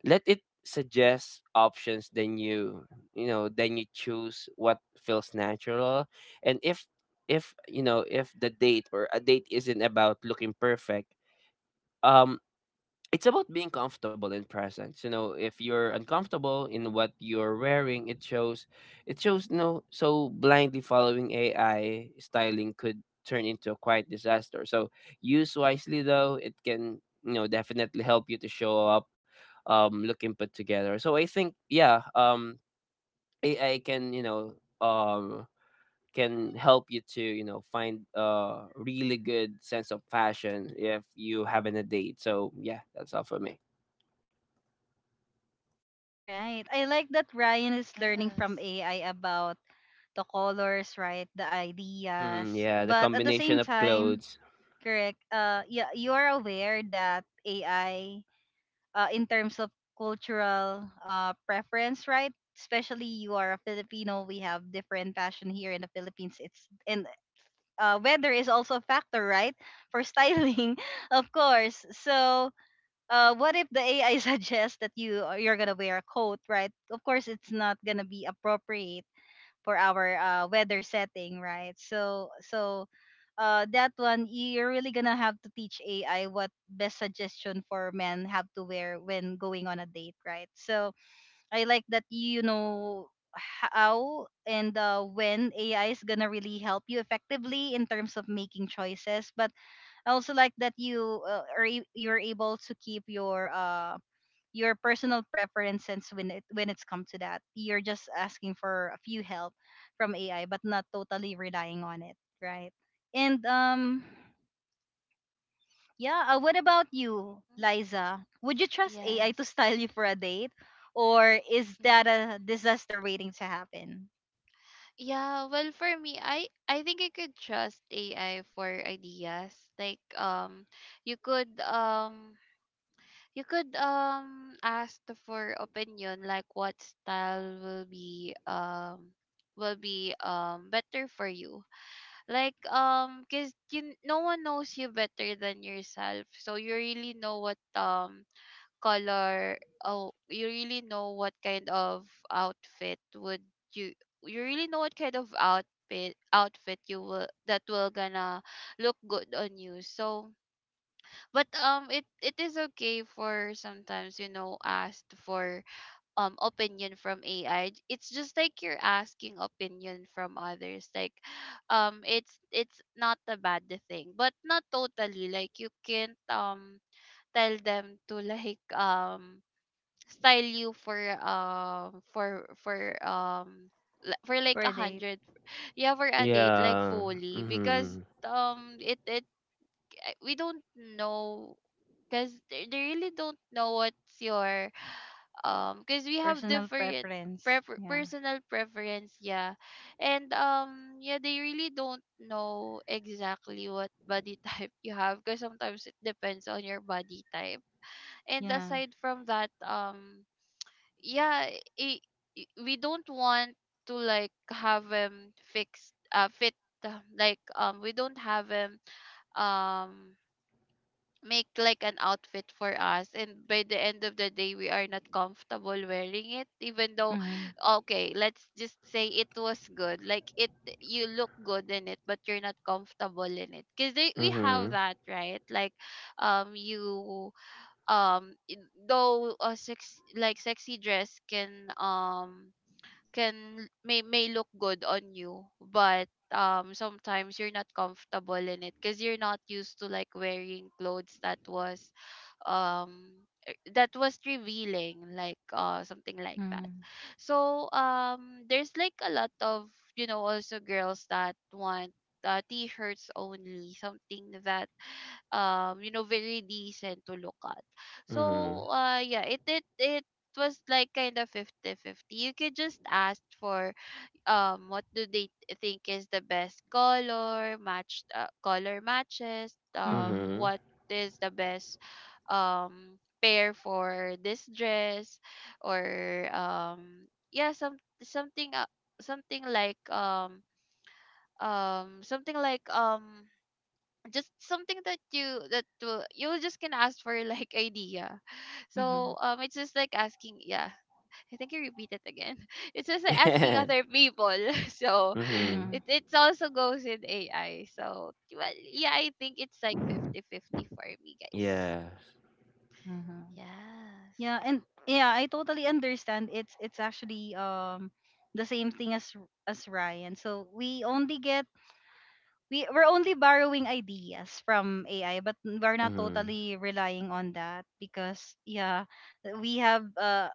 Speaker 2: let it suggest options, then you you know then you choose what feels natural. And if if you know, if the date or a date isn't about looking perfect, um it's about being comfortable in presence. You know, if you're uncomfortable in what you're wearing, it shows. It shows no so blindly following AI styling could turn into a quiet disaster. So use wisely, though it can, you know, definitely help you to show up um looking put together. So I think, yeah, um AI can, you know, um can help you to, you know, find a really good sense of fashion if you having a date. So yeah, that's all for me.
Speaker 1: All right. I like that Ryan is learning from
Speaker 3: Yes.
Speaker 1: A I about the colors, right? The ideas.
Speaker 2: Mhm, yeah, the
Speaker 1: But at the same
Speaker 2: combination of
Speaker 1: time,
Speaker 2: clothes.
Speaker 1: correct. Uh, yeah, you are aware that A I, uh, in terms of cultural uh, preference, right? Especially you are a Filipino, we have different fashion here in the Philippines. It's and uh, weather is also a factor, right? For styling, of course. So, uh, what if the A I suggests that you uh, you're gonna wear a coat, right? Of course, it's not gonna be appropriate for our uh, weather setting, right? So so uh, that one you're really gonna have to teach A I what best suggestion for men have to wear when going on a date, right? So I like that you know how and uh, when A I is gonna really help you effectively in terms of making choices, but I also like that you uh, are a- you're able to keep your uh your personal preferences when it when it's come to that. You're just asking for a few help from A I, but not totally relying on it, right? And um, yeah. Uh, what about you,
Speaker 3: Mhm.
Speaker 1: Liza? Would you trust A I to
Speaker 3: Yes.
Speaker 1: style you for a date, or is that
Speaker 3: Mm-hmm.
Speaker 1: a disaster waiting to happen
Speaker 3: Yeah, well for me, I I think I could trust A I for ideas. Like um you could um you could um ask for opinion like what style will be um will be um better for you. Like um cuz you, no one knows you better than yourself. So you really know what um color oh you really know what kind of outfit would you you really know what kind of outfit outfit you will, that will gonna look good on you. So but um it it is okay for sometimes, you know, asked for um opinion from AI. It's just like you're asking opinion from others, like um it's it's not a bad thing, but not totally. Like you can't um tell them to like um style you for um for for um li- for
Speaker 1: for
Speaker 3: like a
Speaker 1: a date?
Speaker 3: hundred yeah, for a date like
Speaker 2: Yeah.
Speaker 3: fully. Because
Speaker 2: Mhm.
Speaker 3: um it it uh, we don't know, because they, they really don't know what's your um because we have
Speaker 1: Personal
Speaker 3: different
Speaker 1: preference.
Speaker 3: prefer-
Speaker 1: Yeah.
Speaker 3: personal preference, yeah. And um yeah, they really don't know exactly what body type you have, because sometimes it depends on your body type. And
Speaker 1: Yeah.
Speaker 3: aside from that, um yeah, I I we don't want to like have him fixed uh fit, uh, like um we don't have him um make like an outfit for us, and by the end of the day we are not comfortable wearing it. Even though,
Speaker 1: Mm-hmm.
Speaker 3: okay, let's just say it was good, like it you look good in it, but you're not comfortable in it. Because we have
Speaker 2: Mhm.
Speaker 3: that, right? Like um you um i- though a sex like sexy dress can um can may may look good on you, but um sometimes you're not comfortable in it because you're not used to like wearing clothes that was um e- that was revealing, like uh, something like that.
Speaker 1: Mm-hmm.
Speaker 3: So um there's like a lot of, you know, also girls that want uh, t-shirts only, something that um you know, very decent to look at.
Speaker 2: Mhm.
Speaker 3: So uh, yeah, it it it it was like kind of fifty-fifty. You could just ask for um what do they th- think is the best color, matched uh, color matches,
Speaker 1: Mm-hmm.
Speaker 3: um,
Speaker 2: Mhm.
Speaker 3: what is the best um pair for this dress. Or um yeah, some something uh, something like um um something like um just something that you, that will, you just can ask for like idea.
Speaker 1: Mm-hmm.
Speaker 3: So um it's just like asking, yeah, I think you repeat it again. It's just like asking
Speaker 2: Yeah.
Speaker 3: other people. So
Speaker 2: Mhm.
Speaker 1: Mm-hmm.
Speaker 3: it it's also goes with A I. So well, yeah, I think it's like fifty fifty for me, guys.
Speaker 2: Yes.
Speaker 1: Mm-hmm.
Speaker 3: Yes.
Speaker 1: Yeah, and yeah, I totally understand. It's it's actually um the same thing as R- as Ryan. So we only get we we're only borrowing ideas from A I, but we're not
Speaker 2: Mhm.
Speaker 1: totally relying on that because yeah, we have uh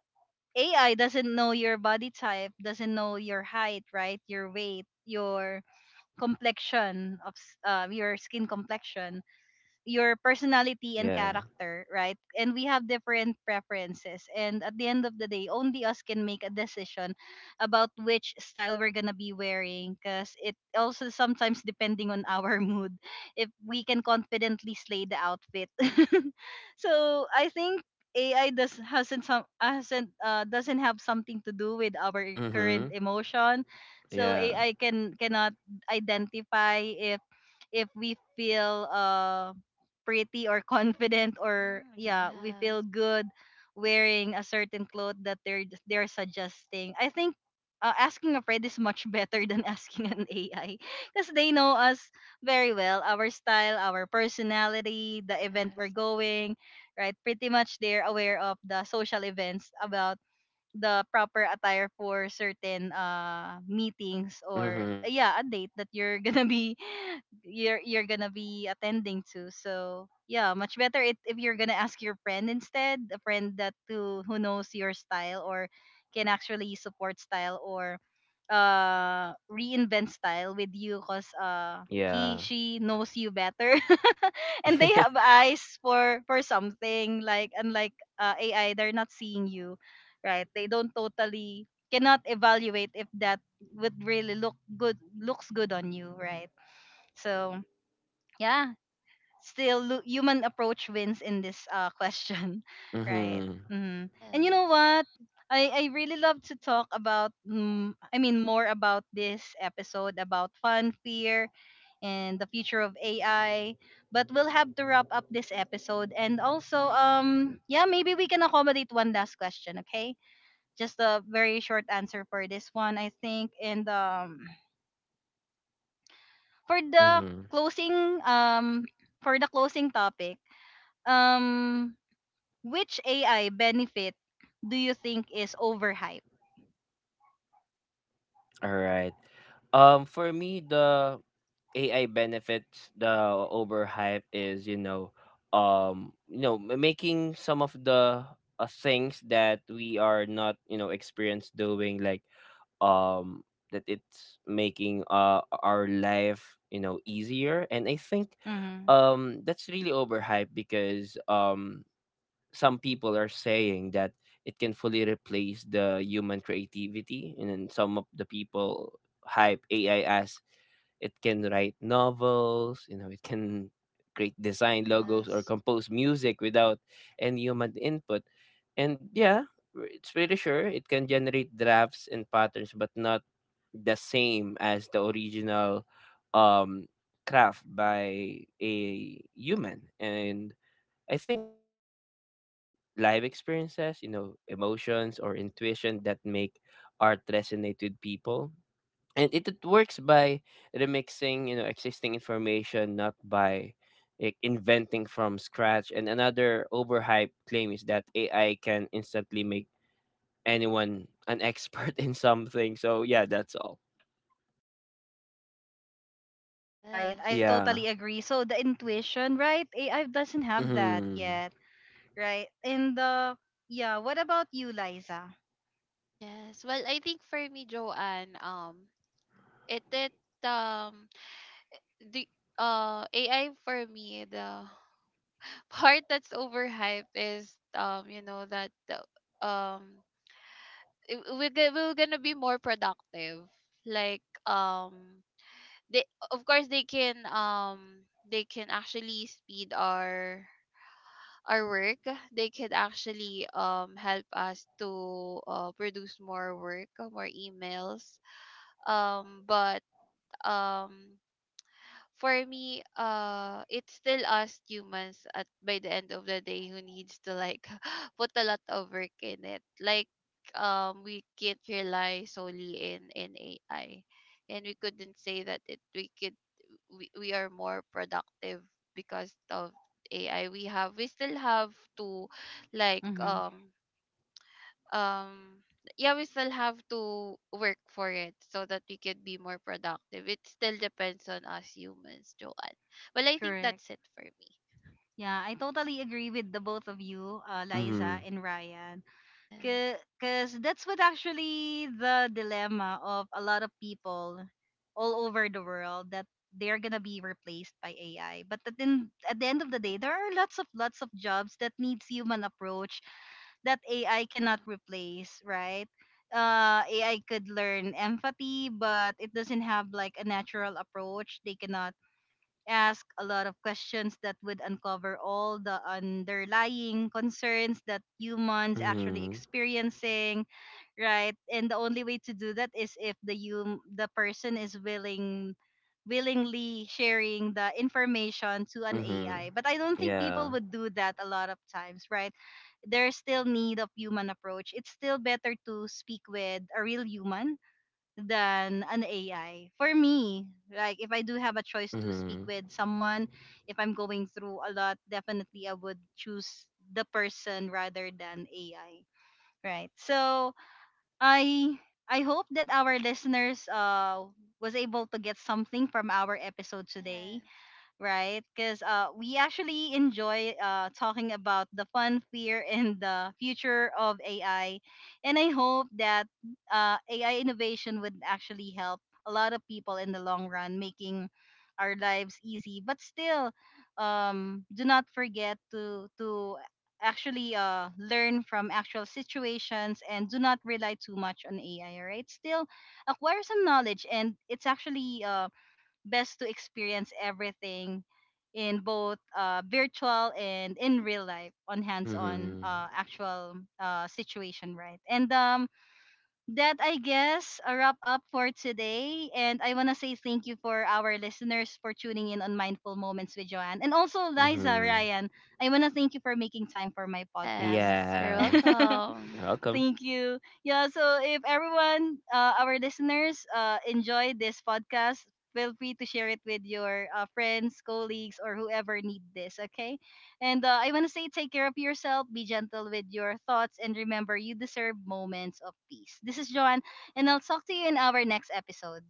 Speaker 1: A I doesn't know your body type, doesn't know your height, right? Your weight, your complexion of s- uh, your skin complexion, your personality and
Speaker 2: Yeah.
Speaker 1: character, right? And we have different preferences. And at the end of the day, only us can make a decision about which style we're gonna be wearing. Cause it also sometimes depending on our mood, if we can confidently slay the outfit. So I think A I does hasn't some hasn't uh, doesn't have something to do with our current
Speaker 2: Mhm.
Speaker 1: emotion. So
Speaker 2: Yeah.
Speaker 1: A I can cannot identify if if we feel uh pretty or confident, or
Speaker 3: Mm-hmm.
Speaker 1: yeah, we feel
Speaker 3: Yes.
Speaker 1: good wearing a certain clothes that they're they're suggesting. I think uh, asking a friend is much better than asking an AI, because they know us very well, our style, our personality, the event we're
Speaker 3: Yes.
Speaker 1: going. Right, pretty much they're aware of the social events about the proper attire for certain uh meetings, or uh, yeah,
Speaker 2: Mhm.
Speaker 1: a date that you're gonna be
Speaker 2: Yeah.
Speaker 1: you're you're gonna be attending to. So yeah, much better it, if you're gonna ask your friend instead, a friend that who who knows your style, or can actually support style, or uh reinvent style with you, because uh he,
Speaker 2: Yeah.
Speaker 1: she knows you better and they have eyes for for something like unlike uh, AI. They're not seeing you, right? They don't totally cannot evaluate if that would really look good looks good on you, right? So yeah, still lu- human approach wins in this uh question, right?
Speaker 2: Mhm.
Speaker 1: hmm And you know
Speaker 3: Yes.
Speaker 1: what? I I really love to talk about mm, I mean more about this episode about fun, fear, and the future of A I. But we'll have to wrap up this episode, and also um yeah, maybe we can accommodate one last question, okay? Just a very short answer for this one, I think. And um, For the
Speaker 2: Mhm.
Speaker 1: closing um, for the closing topic, um, which A I benefit do you think is overhyped?
Speaker 2: All right. Um, for me, the A I benefits the overhype is, you know, um, you know, ma- making some of the uh, things that we are not, you know, experienced doing, like um, that it's making uh our life, you know, easier. And I think
Speaker 1: hmm
Speaker 2: um that's really overhyped because um some people are saying that it can fully replace the human creativity, and then some of the people hype A I as it can write novels, you know, it can create design logos or
Speaker 3: Yes.
Speaker 2: compose music without any human input. And yeah, w- it's pretty sure it can generate drafts and patterns but not the same as the original um craft by a human. And I think A I doesn't have live experiences, you know, emotions or intuition that make art resonate with people. And it, it works by remixing, you know, existing information, not by like, inventing from scratch. And another overhyped claim is that A I can instantly make anyone an expert in something. So yeah, that's all.
Speaker 1: Right, I
Speaker 3: Yes.
Speaker 2: Yeah.
Speaker 1: totally agree. So the intuition, right? A I doesn't have that
Speaker 2: Mm-hmm.
Speaker 1: yet, right? And the, yeah, what about you, Liza?
Speaker 3: Yes. Well, I think for me, Joanne, um, it it um the uh A I for me, the part that's overhyped is um you know that the um it- we're, go- we're gonna be more productive. Like um they, of course they can um they can actually speed our our work. They could actually um help us to uh, produce more work, uh, more emails. Um but um for me, uh, it's still us humans at by the end of the day who needs to like put a lot of work in it. Like um, we can't rely solely in in A I, and we couldn't say that it we could we, we are more productive because of A I. We have, we still have to like
Speaker 1: Mm-hmm.
Speaker 3: um um yeah, we still have to work for it so that we can be more productive. It still depends on us humans, Joanne. Well, I think
Speaker 1: Correct.
Speaker 3: that's it for me.
Speaker 1: Yeah, I totally agree with the both of you, uh, Liza
Speaker 2: Mm-hmm.
Speaker 1: and Ryan.
Speaker 3: Yes.
Speaker 1: Because that's what actually the dilemma of a lot of people all over the world, that they're gonna be replaced by A I. But at the, at the end of the day, there are lots of lots of jobs that needs human approach that A I cannot
Speaker 3: Yeah.
Speaker 1: replace, right? Uh, A I could learn empathy, but it doesn't have like a natural approach. They cannot ask a lot of questions that would uncover all the underlying concerns that humans actually
Speaker 2: Mm-hmm.
Speaker 1: experiencing, right? And the only way to do that is if the hum- the person is willing, willingly sharing the information to an
Speaker 2: Mm-hmm.
Speaker 1: AI, but I don't think people
Speaker 2: Yeah.
Speaker 1: would do that a lot of times, right? There's still need of human approach. It's still better to speak with a real human than an A I. For me, like, if I do have a choice to speak
Speaker 2: Mm-hmm.
Speaker 1: with someone, if I'm going through a lot, definitely I would choose the person rather than A I. Right. So I I hope that our listeners uh was able to get something from our episode today,
Speaker 3: Yes.
Speaker 1: right? Because uh, we actually enjoy uh, talking about the fun, fear, and the future of A I. And I hope that uh, A I innovation would actually help a lot of people in the long run, making our lives easy. But still, um, do not forget to to actually uh, learn from actual situations and do not rely too much on A I. All right, still acquire some knowledge, and it's actually uh, best to experience everything in both uh, virtual and in real life, on hands-on
Speaker 2: Mm-hmm.
Speaker 1: uh, actual uh, situation, right? and um, that I guess a wrap up for today, and I want to say thank you for our listeners for tuning in on Mindful Moments with Joanne, and also Liza,
Speaker 2: Mm-hmm.
Speaker 1: Ryan, I want to thank you for making time for my podcast.
Speaker 3: Yes, you're
Speaker 2: Yes.
Speaker 3: welcome.
Speaker 2: You're welcome.
Speaker 1: Thank you. Yeah, so if everyone, uh, our listeners, uh, enjoyed this podcast, feel free to share it with your uh, friends, colleagues, or whoever need this, okay? And uh, I want to say take care of yourself, be gentle with your thoughts, and remember you deserve moments of peace. This is Joanne, and I'll talk to you in our next episode.